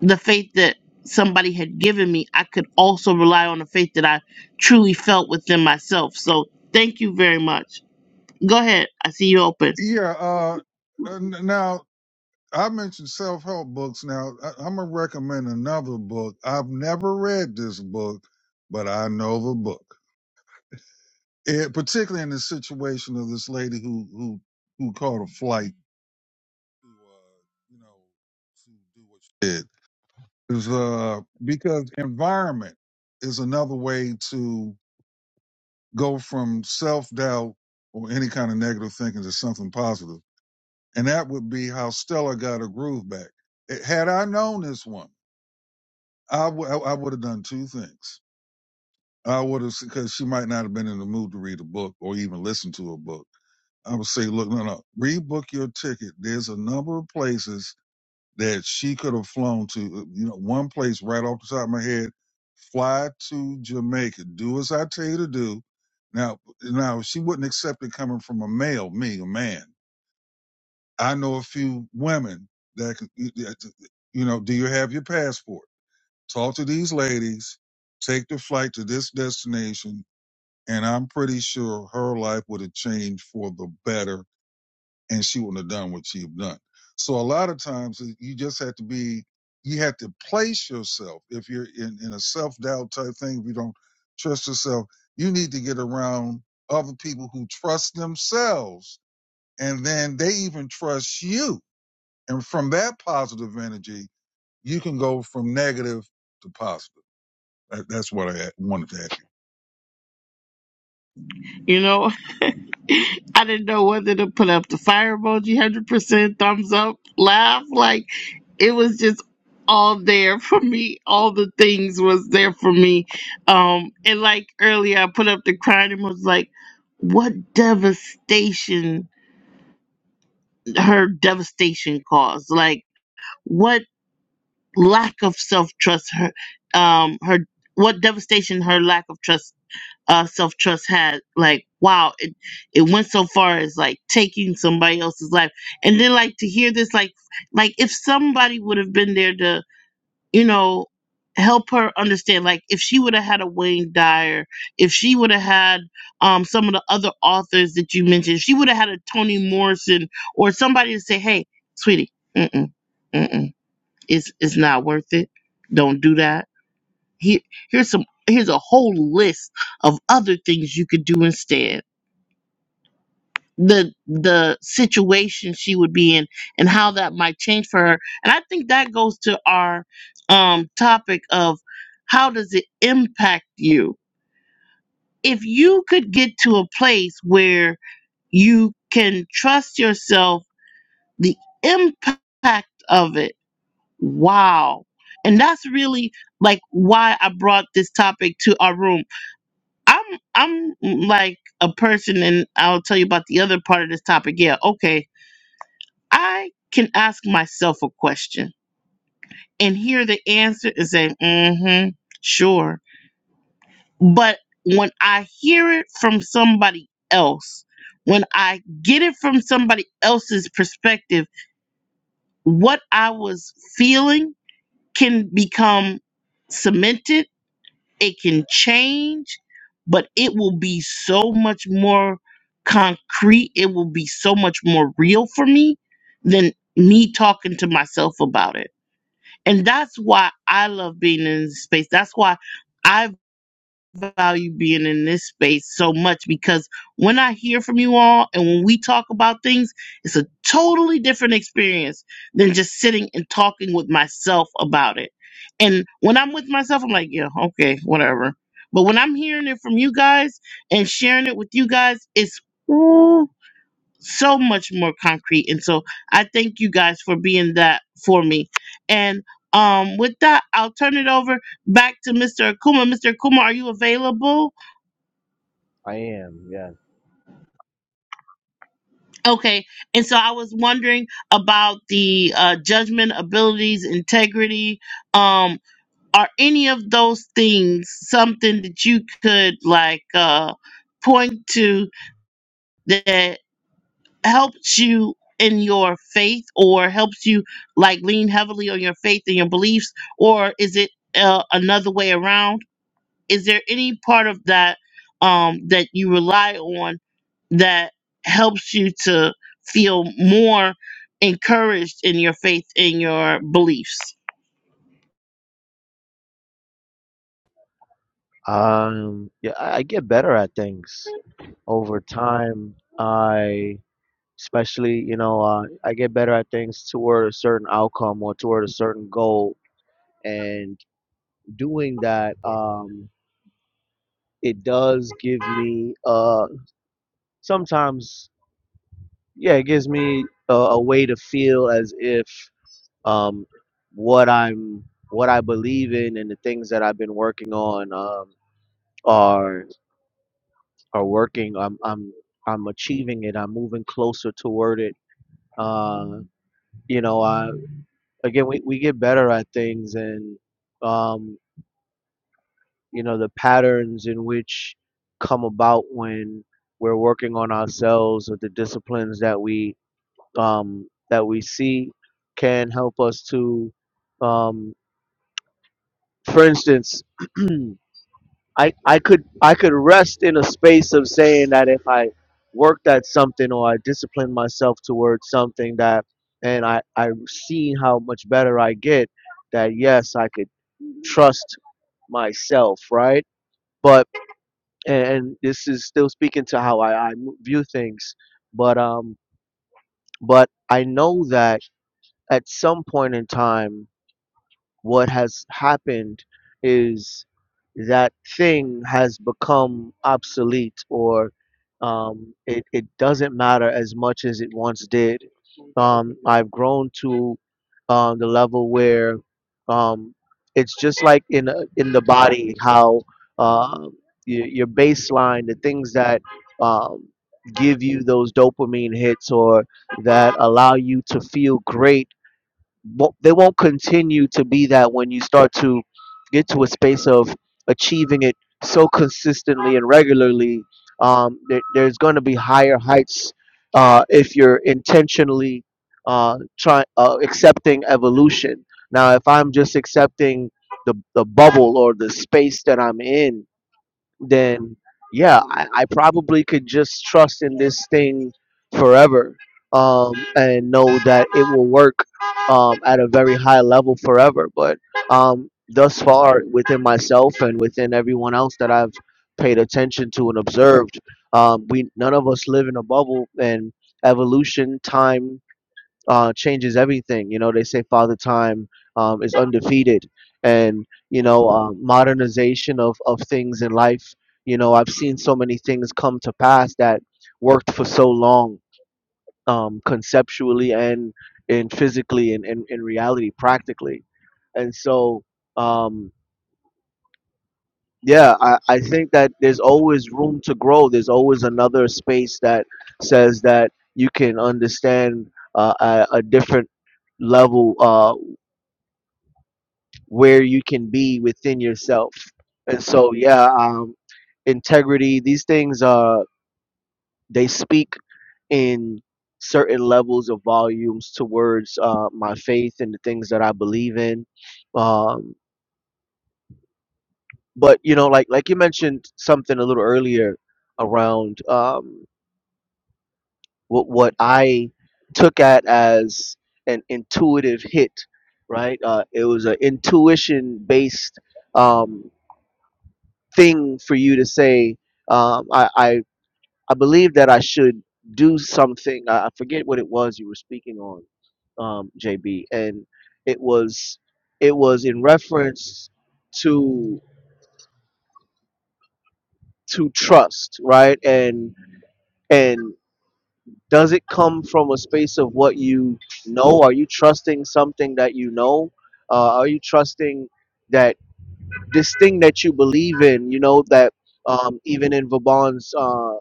Speaker 1: the faith that somebody had given me, I could also rely on the faith that I truly felt within myself. So thank you very much. Go ahead. I see you open.
Speaker 5: Yeah. Uh, and now I mentioned self help books. Now I, I'm gonna recommend another book. I've never read this book, but I know the book. It, particularly in the situation of this lady who who who caught a flight to uh, you know to do what she did is uh because environment is another way to go from self doubt or any kind of negative thinking to something positive, and that would be how Stella got her groove back. It, Had I known this woman. I would I would have done two things. I would have because she might not have been in the mood to read a book or even listen to a book. I would say, look, no, no, rebook your ticket. There's a number of places that she could have flown to. uh, You know, one place right off the top of my head, fly to Jamaica. Do as I tell you to do. Now, now she wouldn't accept it coming from a male, me, a man. I know a few women that, can, you know, do you have your passport? talk to these ladies, take the flight to this destination, and I'm pretty sure her life would have changed for the better and she wouldn't have done what she have done. So a lot of times you just have to be, you have to place yourself. If you're in, in a self doubt type thing, if you don't trust yourself, you need to get around other people who trust themselves and then they even trust you. And from that positive energy, you can go from negative to positive. That, that's what I wanted to ask you.
Speaker 1: You know, I didn't know whether to put up the fire emoji, 100% thumbs up, laugh. Like, it was just all there for me. All the things was there for me. Um, and like earlier, I put up the crying and was like, what devastation her devastation caused. Like, what lack of self trust her um her what devastation her lack of trust uh self trust had like wow it it went so far as like taking somebody else's life and then like to hear this like like if somebody would have been there to you know help her understand like if she would have had a Wayne Dyer if she would have had um some of the other authors that you mentioned if she would have had a Toni Morrison or somebody to say hey sweetie mm mm mm-mm. It's it's not worth it. Don't do that. Here here's some here's a whole list of other things you could do instead. The the situation she would be in and how that might change for her. And I think that goes to our um topic of how does it impact you? If you could get to a place where you can trust yourself, the impact of it Wow. And that's really like why I brought this topic to our room. I'm I'm mm, like a person and I'll tell you about the other part of this topic. Yeah, okay. I can ask myself a question and hear the answer and say, mm-hmm, sure. But when I hear it from somebody else, when I get it from somebody else's perspective, what I was feeling can become cemented it can change, but it will be so much more concrete. It will be so much more real for me than me talking to myself about it. And that's why I love being in this space. That's why I've value being in this space so much because when I hear from you all and when we talk about things, it's a totally different experience than just sitting and talking with myself about it. And when I'm with myself, I'm like, yeah, okay, whatever. But when I'm hearing it from you guys and sharing it with you guys, it's so much more concrete. And so I thank you guys for being that for me. And um, with that, I'll turn it over back to Mr. Akuma. Mr. Akuma, are you available?
Speaker 4: I am, yeah.
Speaker 1: Okay. And so I was wondering about the uh, judgment, abilities, integrity. Um, are any of those things something that you could like uh, point to that? helps you in your faith or helps you like lean heavily on your faith and your beliefs or is it uh, another way around is there any part of that um that you rely on that helps you to feel more encouraged in your faith and your beliefs
Speaker 4: Um, yeah, I I get better at things over time. I, especially, you know, uh, I get better at things toward a certain outcome or toward a certain goal. And doing that, um, it does give me a. sometimes yeah it gives me a, a way to feel as if um, what i'm what i believe in and the things that i've been working on um, are are working i'm i'm i'm achieving it i'm moving closer toward it uh, you know i again we, we get better at things and um, you know the patterns in which come about when we're working on ourselves or the disciplines that we um, that we see can help us to, um, for instance, I I could I could rest in a space of saying that if I worked at something or I disciplined myself towards something that and I I see how much better I get that yes I could trust myself right but and, and this is still speaking to how I, I view things but um but I know that at some point in time what has happened is that thing has become obsolete or um, it, it doesn't matter as much as it once did. Um, I've grown to um, the level where um, it's just like in a- in the body how uh, your, your baseline, the things that um, give you those dopamine hits or that allow you to feel great won't- they won't continue to be that when you start to get to a space of achieving it so consistently and regularly. Um, there, there's going to be higher heights uh, if you're intentionally uh, try, uh, accepting evolution. Now, if I'm just accepting the, the bubble or the space that I'm in, then yeah, I, I probably could just trust in this thing forever um, and know that it will work um, at a very high level forever. But um, thus far, within myself and within everyone else that I've paid attention to and observed, um, we none of us live in a bubble, and evolution, time uh, changes everything. You know, they say Father Time um, is undefeated, and you know, uh, modernization of of things in life. You know, I've seen so many things come to pass that worked for so long, um, conceptually and and physically and in, in reality, practically. And so, um, yeah, I, I think that there's always room to grow. There's always another space that says that you can understand uh, a, a different level. Uh, where you can be within yourself. And so, yeah, um, integrity. These things, uh, they speak in certain levels of volumes towards uh, my faith and the things that I believe in. Um, but you know, like like you mentioned something a little earlier around um, what what I took at as an intuitive hit, right? Uh, it was an intuition based. Um, thing for you to say um, I, I i believe that i should do something i I forget what it was you were speaking on um, jb and it was it was in reference to to trust right and and does it come from a space of what you know are you trusting something that you know uh, are you trusting that this thing that you believe in you know that um, even in Vaban's uh,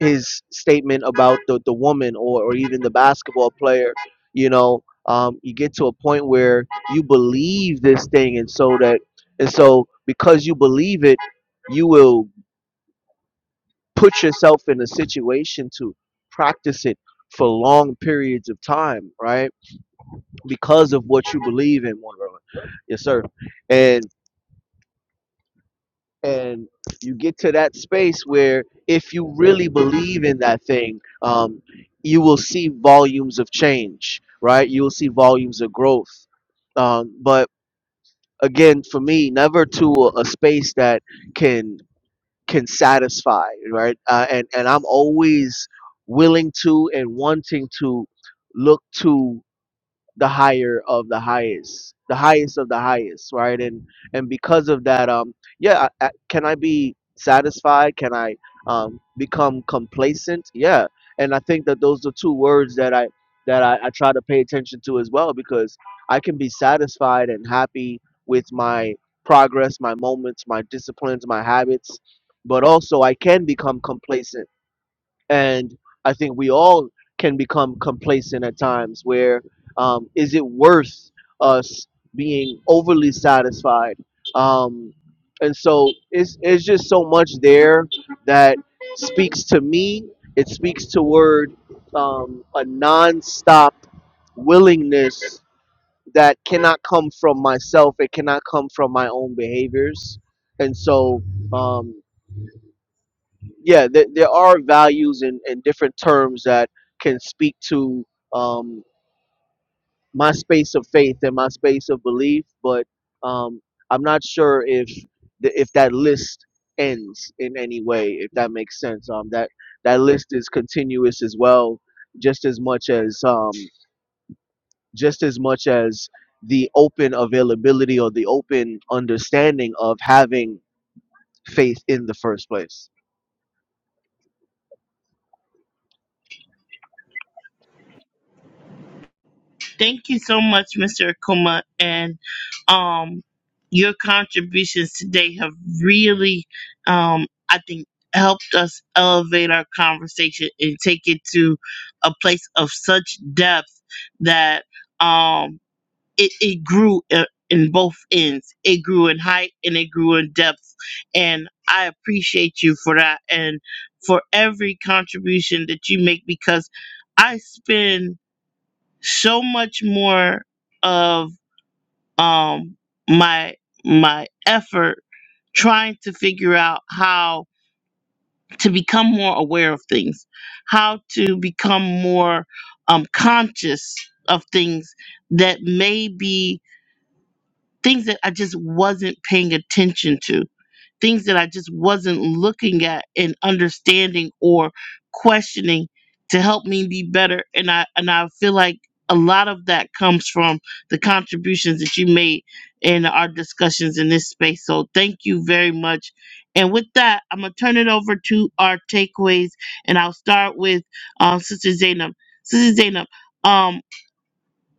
Speaker 4: his statement about the, the woman or, or even the basketball player, you know, um, you get to a point where you believe this thing and so that and so because you believe it, you will put yourself in a situation to practice it for long periods of time, right? Because of what you believe in, one brother. Yes, sir. and. and you get to that space where if you really believe in that thing um, you will see volumes of change right you will see volumes of growth um, but again for me never to a, a space that can can satisfy right uh, and and i'm always willing to and wanting to look to the higher of the highest the highest of the highest right and and because of that um yeah I, I, can i be satisfied can i um become complacent yeah and i think that those are two words that i that I, I try to pay attention to as well because i can be satisfied and happy with my progress my moments my disciplines my habits but also i can become complacent and I think we all can become complacent at times. Where um, is it worth us being overly satisfied? Um, and so it's it's just so much there that speaks to me. It speaks toward um, a nonstop willingness that cannot come from myself. It cannot come from my own behaviors. And so, um, yeah, there, there are values and, and different terms that can speak to um, my space of faith and my space of belief, but um, I'm not sure if the, if that list ends in any way, if that makes sense. Um, that that list is continuous as well, just as much as um, just as much as the open availability or the open understanding of having faith in the first place.
Speaker 1: Thank you so much, Mr. Akuma, and um, your contributions today have really, um, I think, helped us elevate our conversation and take it to a place of such depth that um, it, it grew i- in both ends. It grew in height and it grew in depth, and I appreciate you for that and for every contribution that you make because I spend so much more of um my my effort trying to figure out how to become more aware of things how to become more um conscious of things that may be things that i just wasn't paying attention to things that I just wasn't looking at and understanding or questioning to help me be better. And I and I feel like a lot of that comes from the contributions that you made in our discussions in this space. So thank you very much. And with that, I'm gonna turn it over to our takeaways, and I'll start with um, Sister Zainab. Sister Zainab, um,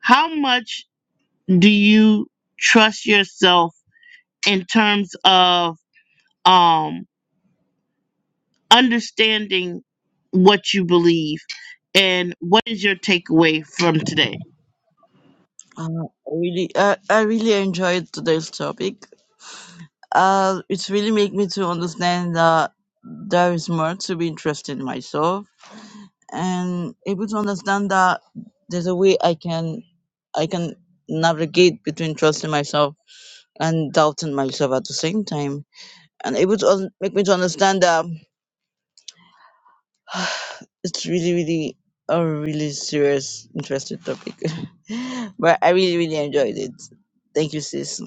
Speaker 1: how much do you trust yourself in terms of um understanding what you believe and what is your takeaway from today
Speaker 2: Uh, really, uh, I really enjoyed today's topic. Uh, it's really made me to understand that there is more to be interested in myself and able to understand that there's a way I can I can navigate between trusting myself and doubting myself at the same time, and able to un- make me to understand that it's really really a really serious interesting topic. but I really really enjoyed it. Thank you, sis.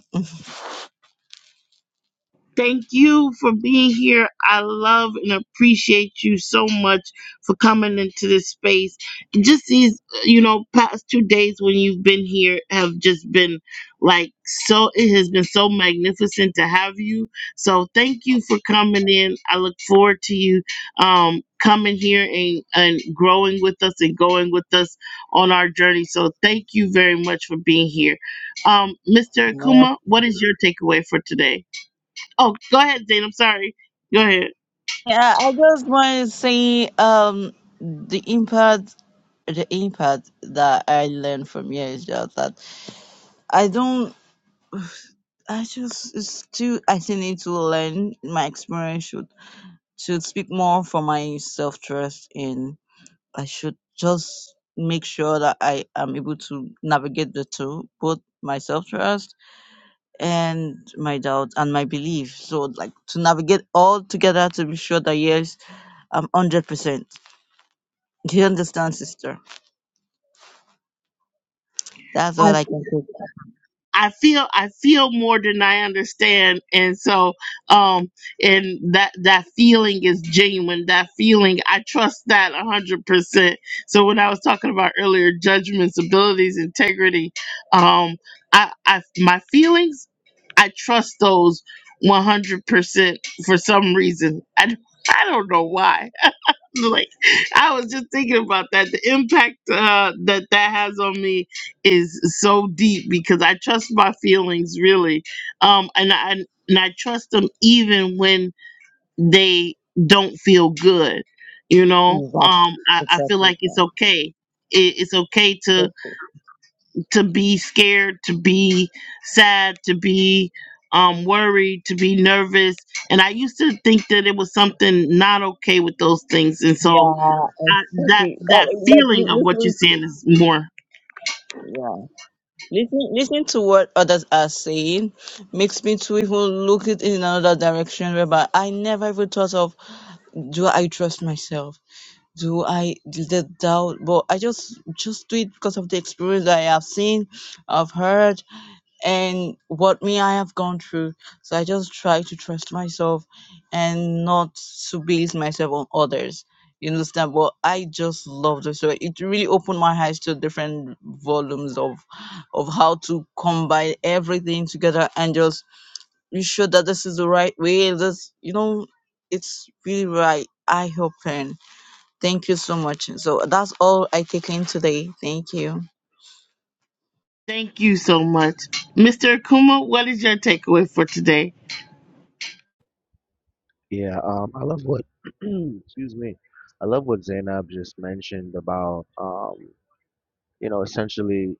Speaker 1: Thank you for being here. I love and appreciate you so much for coming into this space. Just these, you know, past two days when you've been here have just been like so, it has been so magnificent to have you. So thank you for coming in. I look forward to you um, coming here and, and growing with us and going with us on our journey. So thank you very much for being here. Um, Mr.
Speaker 2: More.
Speaker 1: Akuma, what is your takeaway for today? Oh, go ahead, Zane. I'm sorry. Go ahead.
Speaker 2: Yeah, I just want to say um the impact the impact that I learned from here is just that I don't I just it's still I still need to learn my experience should should speak more for my self trust and I should just make sure that I am able to navigate the two, both my self trust and my doubt and my belief. So like to navigate all together to be sure that yes, I'm hundred percent. Do you understand, sister? That's all
Speaker 1: I
Speaker 2: I can
Speaker 1: I feel I feel more than I understand, and so um, and that that feeling is genuine. That feeling, I trust that a hundred percent. So when I was talking about earlier, judgments, abilities, integrity, um, I, I my feelings, I trust those one hundred percent for some reason. I I don't know why like I was just thinking about that. The impact uh, that that has on me is so deep because I trust my feelings really, um, and I and I trust them even when they don't feel good. You know, um, I,
Speaker 2: take.
Speaker 1: I feel like it's okay. It, it's okay to to be scared, to be sad, to be um, worried, to be nervous. And I used to think that it was something not okay with those things, and so I, that that feeling of what you're saying is more.
Speaker 2: Listening, listening to what others are saying makes me to even look it in another direction. Whereby I never even thought of, do I trust myself? Do I do the doubt? But I just just do it because of the experience that I have seen, I've heard, and what me I have gone through. So I just try to trust myself and not to base myself on others. You understand? But I just love this. So it really opened my eyes to different volumes of of how to combine everything together and just be sure that this is the right way. This you know, it's really right. I hope and thank you so much. So that's all I take in today. Thank you.
Speaker 1: Thank you so much, Mr. Akuma. What is your takeaway for today?
Speaker 4: Yeah, um, I love what excuse me, I love what Zainab just mentioned about um, you know, essentially,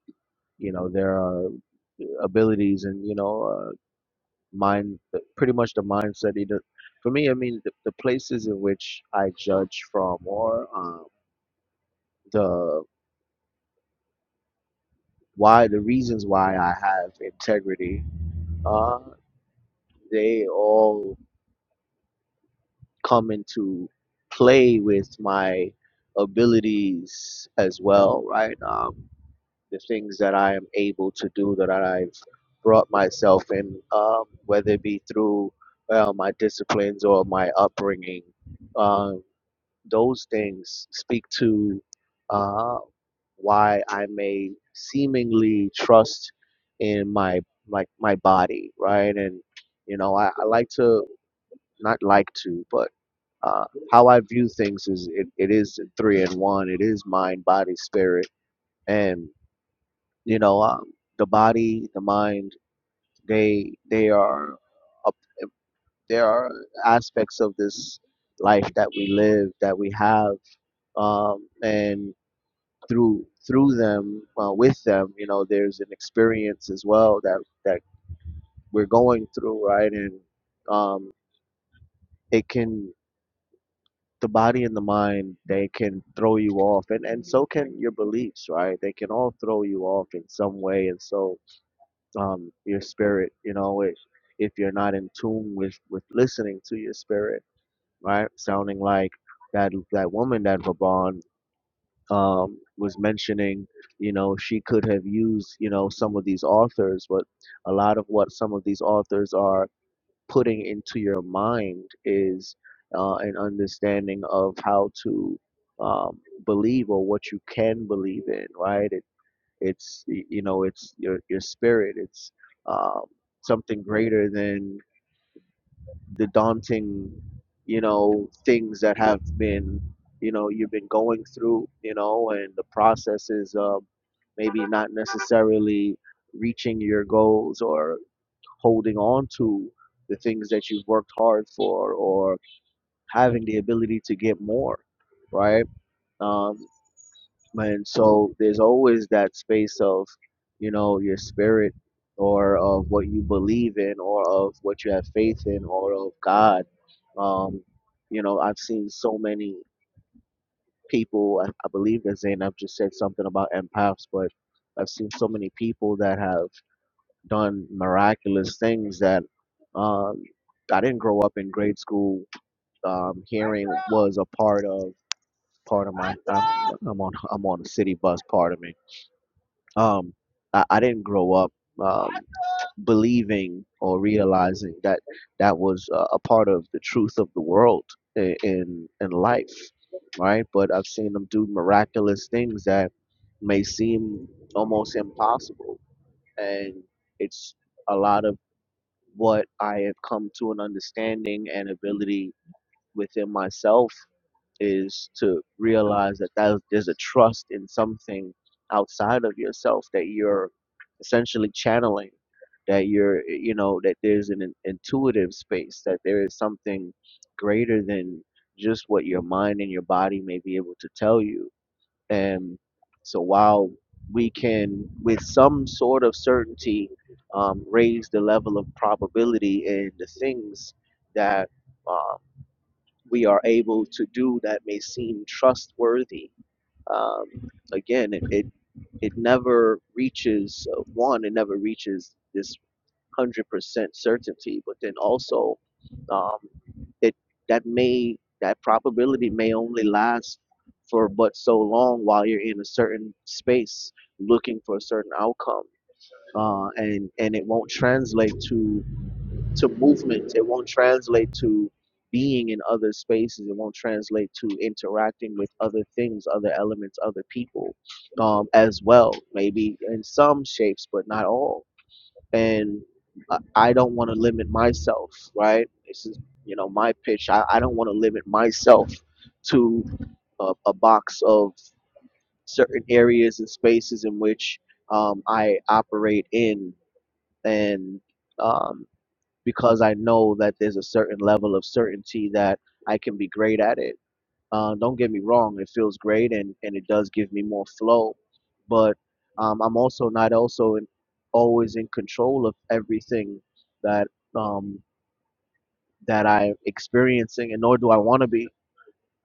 Speaker 4: you know, there are abilities and you know uh, mind the- pretty much the mindset either for me i mean the, the places in which i judge from or um, the why the reasons why i have integrity uh, they all come into play with my abilities as well right um, the things that i am able to do that i've brought myself in um, whether it be through well, my disciplines or my upbringing um, those things speak to uh, why I may seemingly trust in my like my body, right? And you know, I, I like to not like to, but uh, how I view things is it, it is three in one. It is mind, body, spirit, and you know, um, the body, the mind, they they are up, there are aspects of this life that we live that we have um, and through through them uh, with them you know there's an experience as well that that we're going through right and um, it can the body and the mind they can throw you off and and so can your beliefs right they can all throw you off in some way and so um, your spirit you know if if you're not in tune with with listening to your spirit right sounding like that that woman that Vaban um, was mentioning, you know, she could have used, you know, some of these authors, but a lot of what some of these authors are putting into your mind is uh, an understanding of how to um, believe or what you can believe in, right? It, it's y- you know, it's your your spirit. It's um, something greater than the daunting you know things that have been you know you've been going through you know and the process is um, maybe not necessarily reaching your goals or holding on to the things that you've worked hard for or having the ability to get more right Um, and so there's always that space of you know your spirit or of what you believe in or of what you have faith in or of god um you know i've seen so many people i, I believe that zainab just said something about empaths but i've seen so many people that have done miraculous things that um i didn't grow up in grade school um hearing was a part of part of my I'm, I'm on i'm on a city bus pardon me um, I, I didn't grow up um, believing or realizing that that was uh, a part of the truth of the world i- in in life, right? But I've seen them do miraculous things that may seem almost impossible, and it's a lot of what I have come to an understanding and ability within myself is to realize that that there's a trust in something outside of yourself that you're essentially channeling that you're you know that there's an in- intuitive space that there is something greater than just what your mind and your body may be able to tell you and so while we can with some sort of certainty um, raise the level of probability in the things that um, we are able to do that may seem trustworthy. Um, again, it, it it never reaches uh, one. It never reaches this hundred percent certainty. But then also, um, it that may that probability may only last for but so long while you're in a certain space looking for a certain outcome, uh, and and it won't translate to to movement. It won't translate to being in other spaces. It won't translate to interacting with other things, other elements, other people um, as well, maybe in some shapes, but not all. And I I don't want to limit myself, right? This is, you know, my pitch. I, I don't want to limit myself to a, a box of certain areas and spaces in which um, I operate in. And um, because I know that there's a certain level of certainty that I can be great at it. Uh, don't get me wrong, it feels great and, and it does give me more flow, but um, I'm also not also in, always in control of everything that um, that I'm experiencing, and nor do I want to be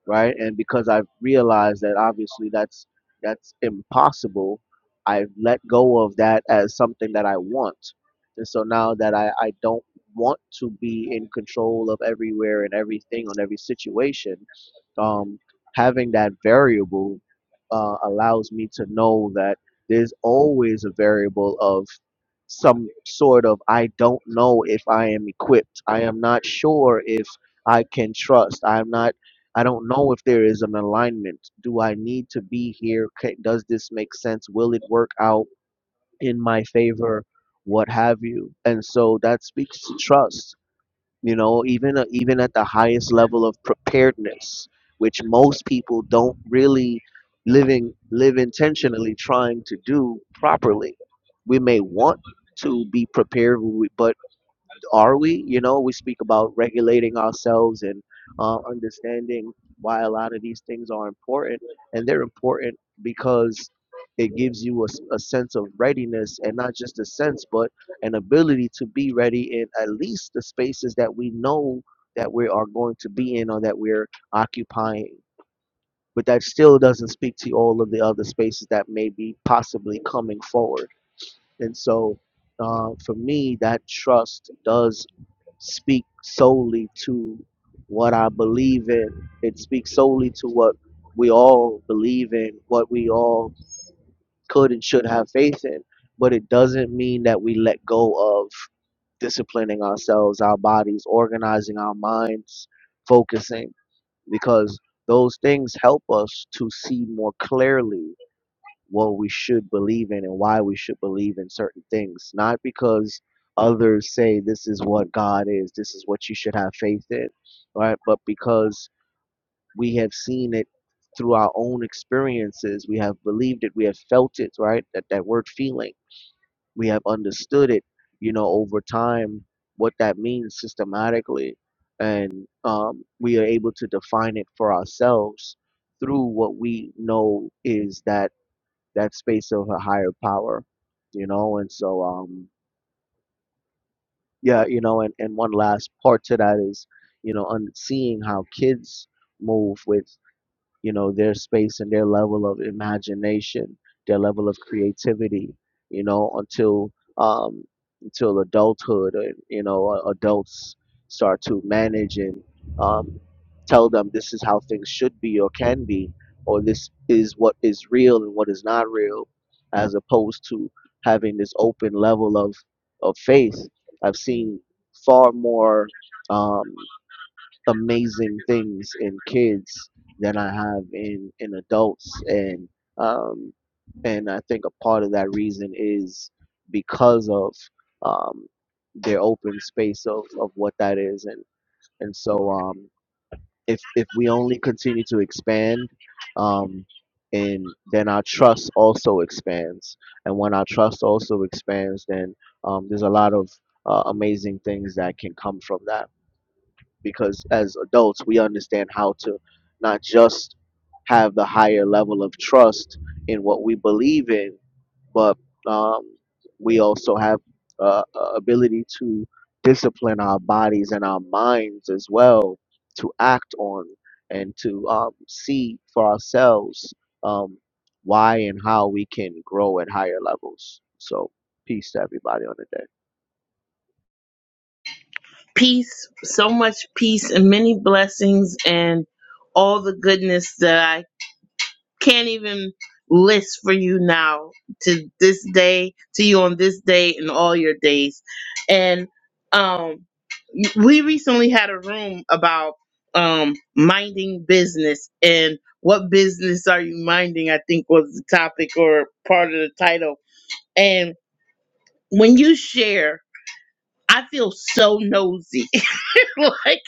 Speaker 4: right? And because I've realized that obviously that's that's impossible, I've let go of that as something that I want. And so now that I, I don't want to be in control of everywhere and everything on every situation, um, having that variable uh, allows me to know that there's always a variable of some sort of I don't know if I am equipped. I am not sure if I can trust. I'm not I don't know if there is an alignment. Do I need to be here? Ca- Does this make sense? Will it work out in my favor? What have you? And so that speaks to trust. You know, even uh, even at the highest level of preparedness, which most people don't really living live intentionally trying to do properly. We may want to be prepared, we- but are we? You know, we speak about regulating ourselves and uh, understanding why a lot of these things are important, and they're important because it gives you a, s- a sense of readiness and not just a sense but an ability to be ready in at least the spaces that we know that we are going to be in or that we're occupying but that still doesn't speak to all of the other spaces that may be possibly coming forward and so uh, for me that trust does speak solely to what I believe in. It speaks solely to what we all believe in, what we all could and should have faith in. But it doesn't mean that we let go of disciplining ourselves, our bodies, organizing our minds, focusing, because those things help us to see more clearly what we should believe in and why we should believe in certain things, not because others say this is what God is, this is what you should have faith in, right? But because we have seen it through our own experiences, we have believed it, we have felt it, right? That that word feeling, we have understood it, you know, over time, what that means systematically, and um, we are able to define it for ourselves through what we know is that that space of a higher power, you know. And so, um, yeah, you know, and, and one last part to that is, you know, on seeing how kids move with you know their space and their level of imagination their level of creativity you know until um until adulthood and you know uh, adults start to manage and um tell them this is how things should be or can be or this is what is real and what is not real as opposed to having this open level of of faith i've seen far more Um, amazing things in kids than I have in in adults, and um, and I think a part of that reason is because of um, their open space of, of what that is, and and so um, if if we only continue to expand, um, and then our trust also expands, and when our trust also expands, then um, there's a lot of uh, amazing things that can come from that because as adults we understand how to not just have the higher level of trust in what we believe in but um, we also have uh, a ability to discipline our bodies and our minds as well to act on and to um, see for ourselves um, why and how we can grow at higher levels so peace to everybody on the day
Speaker 1: Peace, so much peace, and many blessings, and all the goodness that I can't even list for you now to this day to you on this day and all your days and um we recently had a room about um minding business and what business are you minding i think was the topic or part of the title and when you share i feel so nosy like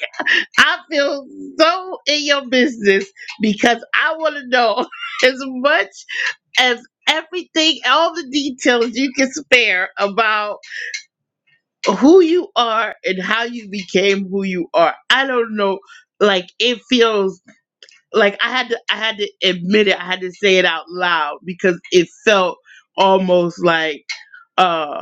Speaker 1: I feel so in your business because I want to know as much as everything, all the details you can spare about who you are and how you became who you are. I don't know. Like it feels like I had to I had to admit it, I had to say it out loud because it felt almost like Uh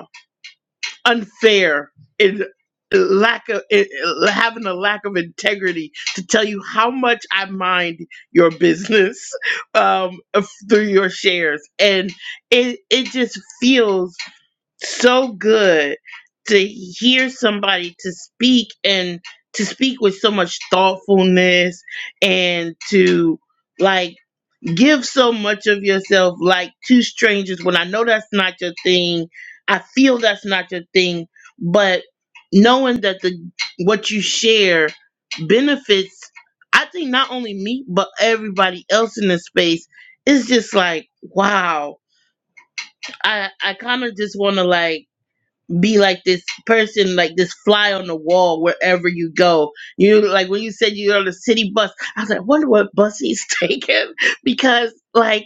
Speaker 1: unfair and lack of it, having a lack of integrity to tell you how much I mind your business um, of- through your shares, and it it just feels so good to hear somebody to speak and to speak with so much thoughtfulness and to like give so much of yourself like two strangers when I know that's not your thing. I feel that's not your thing, but knowing that the what you share benefits I think not only me but everybody else in the space it's just like wow. I I kind of just want to like be like this person like this fly on the wall wherever you go. You know, like when you said you're on the city bus, I was like, wonder what bus he's taking because like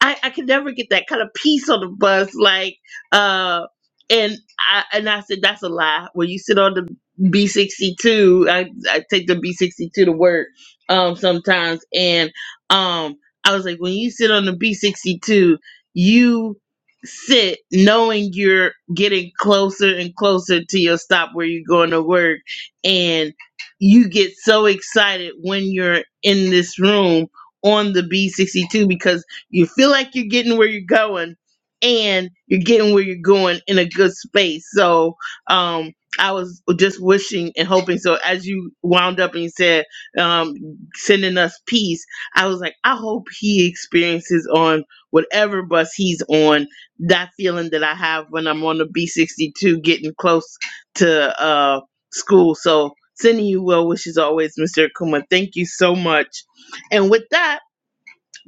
Speaker 1: I, I could never get that kind of peace on the bus. Like, uh, and I and I said that's a lie. When you sit on the B sixty two, I I take the B sixty two to work um sometimes, and um I was like, when you sit on the B sixty two, you sit knowing you're getting closer and closer to your stop where you're going to work, and you get so excited when you're in this room on the B62 because you feel like you're getting where you're going and you're getting where you're going in a good space. So um I was just wishing and hoping. So as you wound up and you said um sending us peace, I was like, I hope he experiences on whatever bus he's on that feeling that I have when I'm on the B62 getting close to uh school. So sending you well wishes always, Mr. Akuma. Thank you so much. And with that,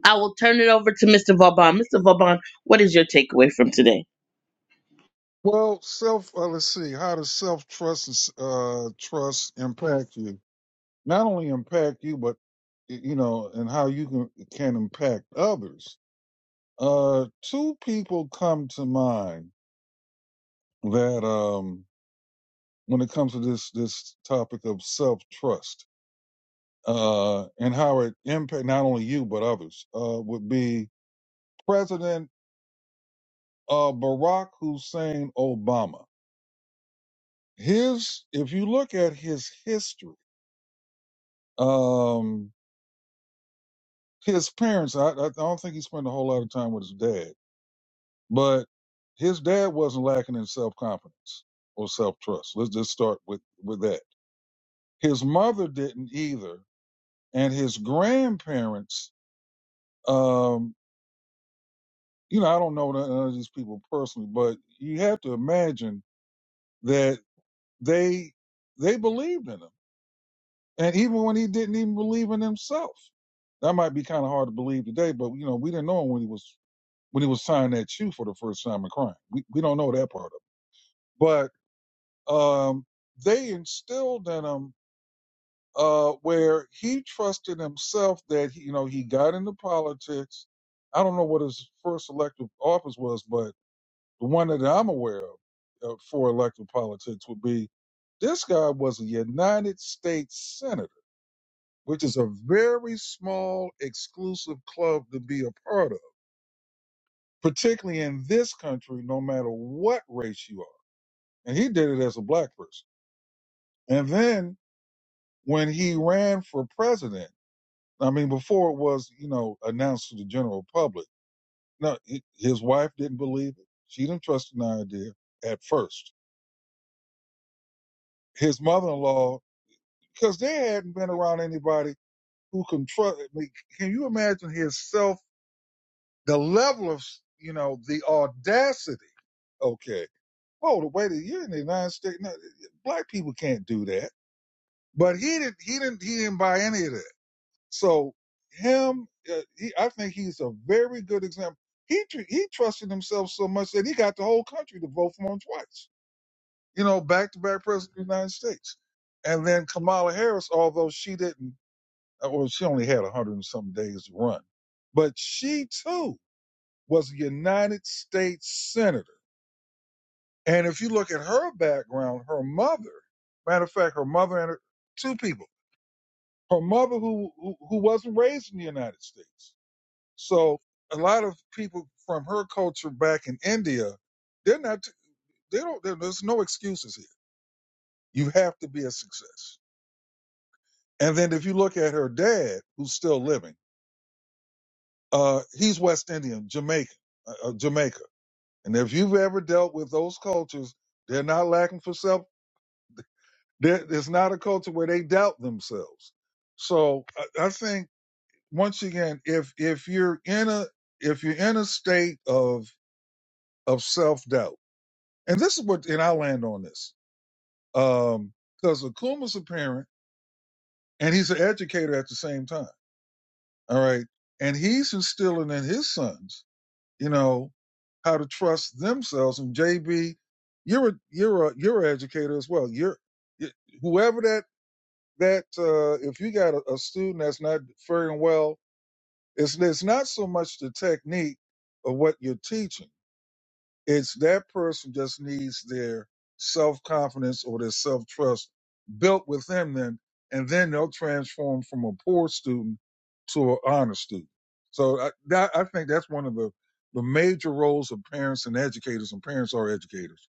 Speaker 1: I will turn it over to Mr. Vauban. Mr. Vauban, what is your takeaway from today?
Speaker 5: Well, self. Uh, let's see. How does self trust uh, trust impact you? Not only impact you, but y- you know, and how you can can impact others. Uh, two people come to mind that um, when it comes to this this topic of self trust uh, and how it impact not only you but others uh, would be President uh, Barack Hussein Obama. his if you look at his history um his parents I, I don't think he spent a whole lot of time with his dad but his dad wasn't lacking in self-confidence or self-trust let's just start with with that his mother didn't either and his grandparents um you know i don't know none none of these people personally but you have to imagine that they they believed in him And even when he didn't even believe in himself, that might be kind of hard to believe today. But you know, we didn't know him when he was when he was signed at you for the first time and crying. We we don't know that part of it. But um, they instilled in him uh, where he trusted himself that he, you know he got into politics. I don't know what his first elective office was, but the one that I'm aware of uh, for elective politics would be this guy was a United States senator which is a very small, exclusive club to be a part of, particularly in this country, no matter what race you are. And he did it as a black person. And then when he ran for president, I mean, before it was, you know, announced to the general public, no, he- his wife didn't believe it. She didn't trust an idea at first. His mother-in-law, because they hadn't been around anybody who can trust. I mean, can you imagine his self? The level of, you know, the audacity. Okay. Oh, the way that you're in the United States, no, black people can't do that. But he didn't. He didn't. He didn't buy any of that. So him, uh, he, I think he's a very good example. He tr- he trusted himself so much that he got the whole country to vote for him twice. You know, back to back president of the United States, and then Kamala Harris, although she didn't, or she only had a hundred and some days to run, but she too was a United States senator. And if you look at her background, her mother, matter of fact, her mother and her, two people, her mother who, who who wasn't raised in the United States. So a lot of people from her culture back in India, they're not. They don't. There's no excuses here. You have to be a success. And then if you look at her dad, who's still living, uh, he's West Indian, Jamaican, uh, uh, Jamaica. And if you've ever dealt with those cultures, they're not lacking for self There, there's not a culture where they doubt themselves. So I, I think once again, if if you're in a if you're in a state of of self doubt, and this is what, and I land on this, um, because Akuma's a parent and he's an educator at the same time. All right, and he's instilling in his sons, you know, how to trust themselves. And JB, you're a you're a you're an educator as well. You're whoever that that uh, if you got a, a student that's not faring well, it's it's not so much the technique of what you're teaching. It's that person just needs their self confidence or their self trust built within them, and then they'll transform from a poor student to an honor student. So I, that, I think that's one of the the major roles of parents and educators, and parents are educators,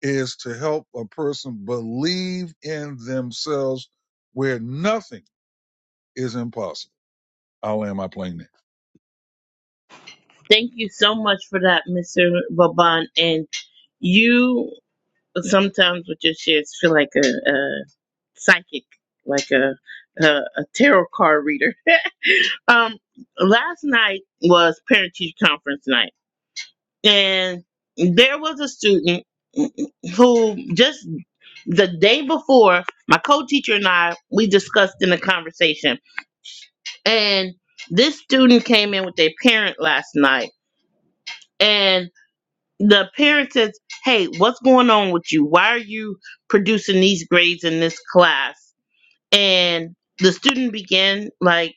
Speaker 5: is to help a person believe in themselves where nothing is impossible. I'll land my plane there.
Speaker 1: Thank you so much for that, Mr. Vauban. And you sometimes with your shares feel like a, a psychic, like a, a, a tarot card reader. um, last night was parent teacher conference night. and there was a student who just the day before my co-teacher and i we discussed in a conversation and this student came in with their parent last night and the parent says hey what's going on with you why are you producing these grades in this class and the student began like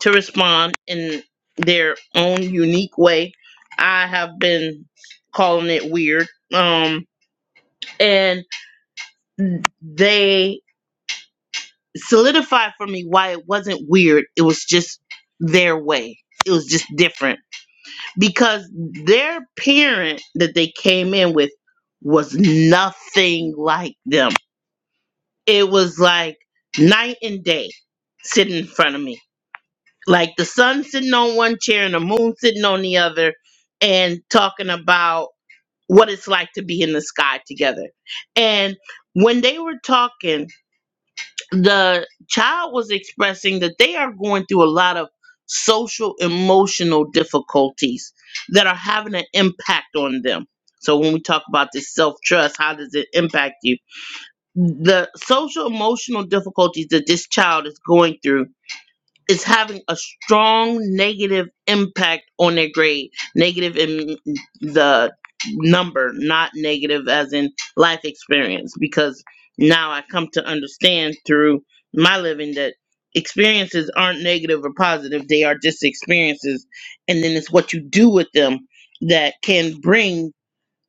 Speaker 1: to respond in their own unique way i have been calling it weird um and they solidified for me why it wasn't weird. It was just their way. It was just different because their parent that they came in with was nothing like them. It was like night and day sitting in front of me. Like the sun sitting on one chair and the moon sitting on the other and talking about what it's like to be in the sky together. And when they were talking, the child was expressing that they are going through a lot of social emotional difficulties that are having an impact on them. So when we talk about this self trust, how does it impact you? The social emotional difficulties that this child is going through is having a strong negative impact on their grade. Negative in the number, not negative as in life experience, because now I come to understand through my living that experiences aren't negative or positive, they are just experiences. And then it's what you do with them that can bring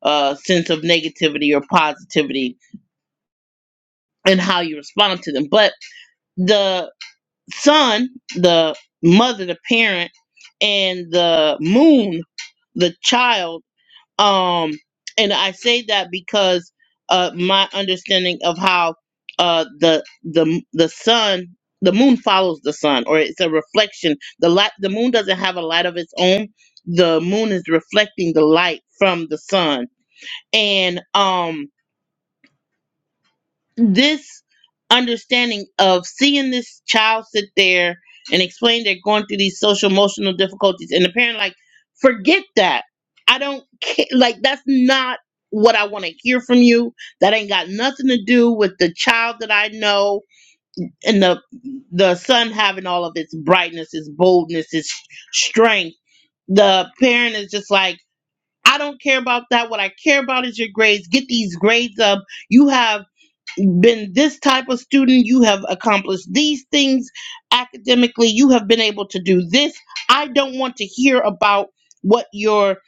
Speaker 1: a sense of negativity or positivity and how you respond to them. But the sun, the mother, the parent, and the moon, the child. Um, and I say that because uh, my understanding of how uh, the the the sun, the moon follows the sun, or it's a reflection. The light, the moon doesn't have a light of its own. The moon is reflecting the light from the sun, and um this understanding of seeing this child sit there and explain they're going through these social emotional difficulties and the parent like forget that i don't care like that's not what i want to hear from you that ain't got nothing to do with the child that i know and the the son having all of its brightness its boldness its strength the parent is just like i don't care about that what i care about is your grades get these grades up you have been this type of student, you have accomplished these things academically, you have been able to do this. I don't want to hear about what you're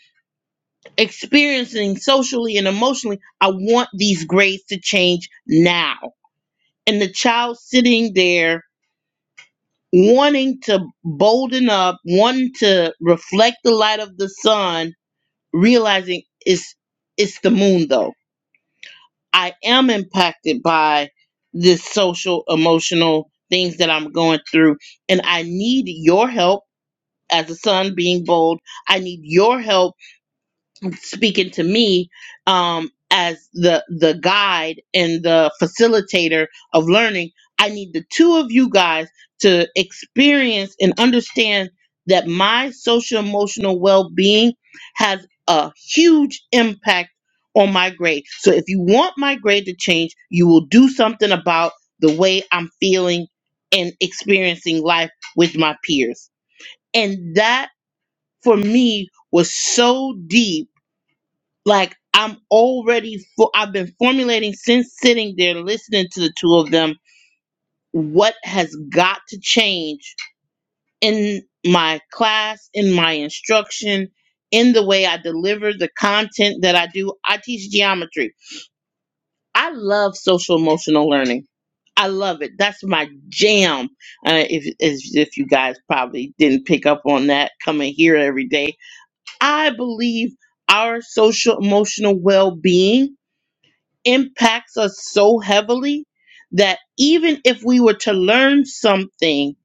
Speaker 1: experiencing socially and emotionally. I want these grades to change now. And the child sitting there wanting to bolden up, wanting to reflect the light of the sun, realizing it's it's the moon though I am impacted by this social emotional things that I'm going through and I need your help as a son being bold. I need your help speaking to me um, as the the guide and the facilitator of learning. I need the two of you guys to experience and understand that my social emotional well being has a huge impact on my grade. So if you want my grade to change, you will do something about the way I'm feeling and experiencing life with my peers. And that for me was so deep like I'm already fo- I've been formulating since sitting there listening to the two of them what has got to change in my class, in my instruction, in the way I deliver the content that I do. I teach geometry. I love social emotional learning. I love it. That's my jam. Uh, if if if you guys probably didn't pick up on that coming here every day, I believe our social emotional well being impacts us so heavily that even if we were to learn something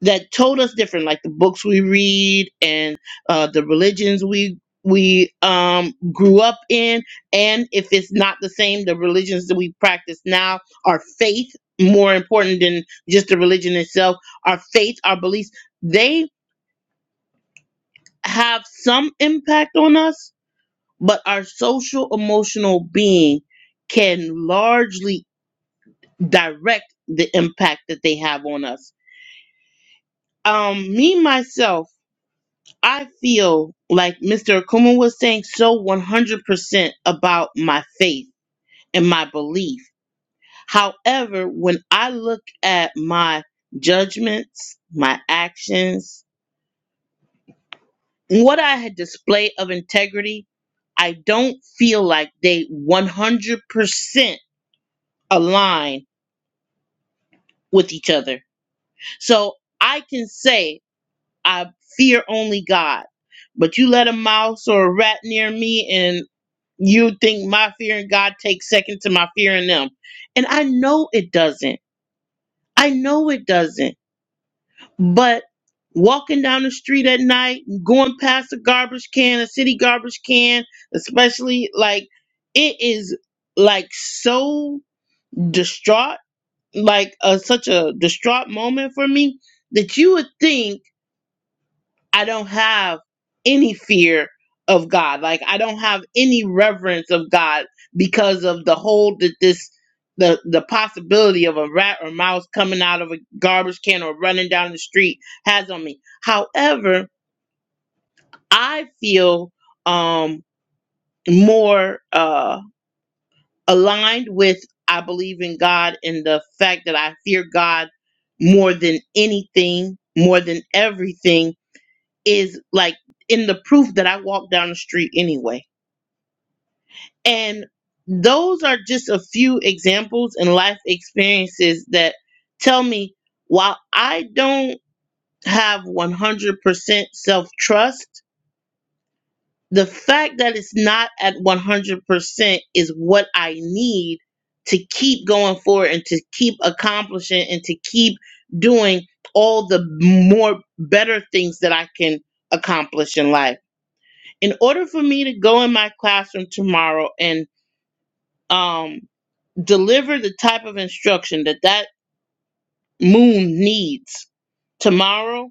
Speaker 1: that told us different, like the books we read and uh, the religions we we um, grew up in, and if it's not the same, the religions that we practice now, our faith more important than just the religion itself, our faith, our beliefs, they have some impact on us, but our social emotional being can largely direct the impact that they have on us. Um, me myself, I feel like Mr. Akuma was saying so 100% about my faith and my belief. However, when I look at my judgments, my actions, what I had displayed of integrity, I don't feel like they 100% align with each other. So I can say I fear only God. But you let a mouse or a rat near me, and you think my fear in God takes second to my fear in them. And I know it doesn't. I know it doesn't. But walking down the street at night, going past a garbage can, a city garbage can, especially like it is like so distraught, like uh, such a distraught moment for me that you would think. I don't have any fear of God. Like I don't have any reverence of God because of the hold that this the the possibility of a rat or mouse coming out of a garbage can or running down the street has on me. However, I feel um more uh aligned with I believe in God and the fact that I fear God more than anything, more than everything is like in the proof that I walk down the street anyway. And those are just a few examples and life experiences that tell me while I don't have 100% self trust, the fact that it's not at 100% is what I need to keep going forward and to keep accomplishing and to keep doing all the more better things that I can accomplish in life in order for me to go in my classroom tomorrow and um, deliver the type of instruction that that moon needs tomorrow,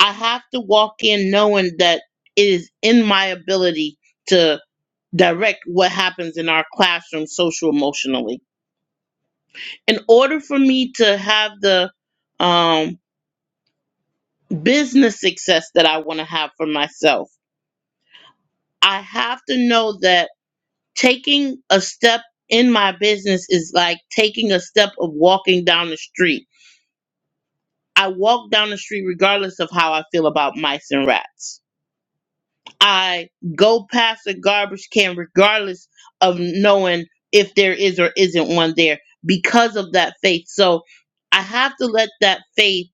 Speaker 1: I have to walk in knowing that it is in my ability to direct what happens in our classroom social emotionally. In order for me to have the um, business success that I want to have for myself, I have to know that taking a step in my business is like taking a step of walking down the street. I walk down the street regardless of how I feel about mice and rats. I go past a garbage can regardless of knowing if there is or isn't one there because of that faith. So I have to let that faith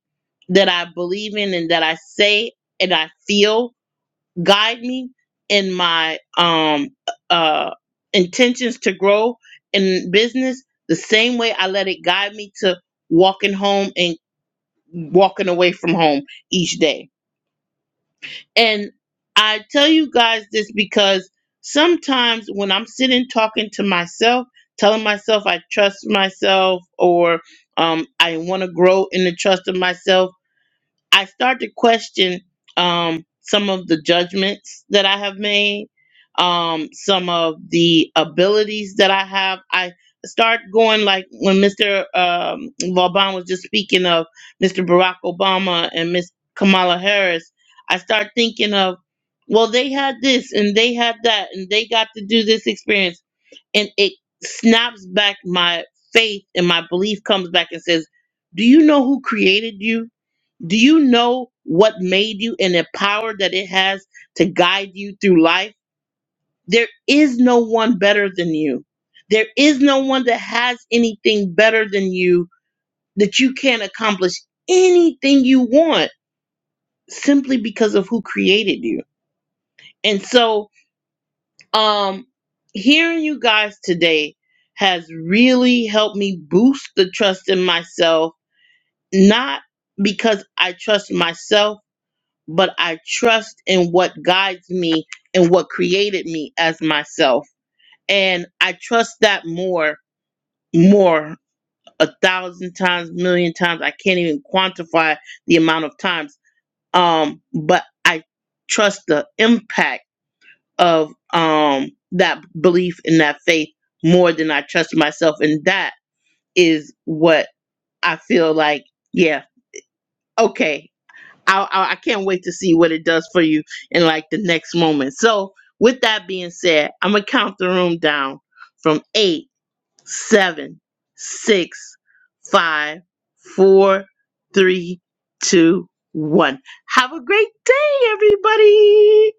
Speaker 1: that I believe in and that I say and I feel guide me in my um uh intentions to grow in business the same way I let it guide me to walking home and walking away from home each day. And I tell you guys this because sometimes when I'm sitting talking to myself, telling myself I trust myself or um, I want to grow in the trust of myself I start to question um, some of the judgments that I have made, um, some of the abilities that I have. I start going like when Mr. Um, Vauban was just speaking of Mr. Barack Obama and Miss Kamala Harris. I start thinking of, well, they had this and they had that and they got to do this experience and it snaps back my faith and my belief comes back and says, Do you know who created you? Do you know what made you and the power that it has to guide you through life? There is no one better than you. There is no one that has anything better than you that you can accomplish anything you want simply because of who created you. And so Um, hearing you guys today has really helped me boost the trust in myself, not because I trust myself, but I trust in what guides me and what created me as myself. And I trust that more, more, a thousand times, million times. I can't even quantify the amount of times. Um, but I trust the impact of um that belief and that faith more than I trust myself, and that is what I feel like. Yeah, okay. I I, I can't wait to see what it does for you in like the next moment. So with that being said, I'm gonna count the room down from eight, seven, six, five, four, three, two, one. Have a great day, everybody.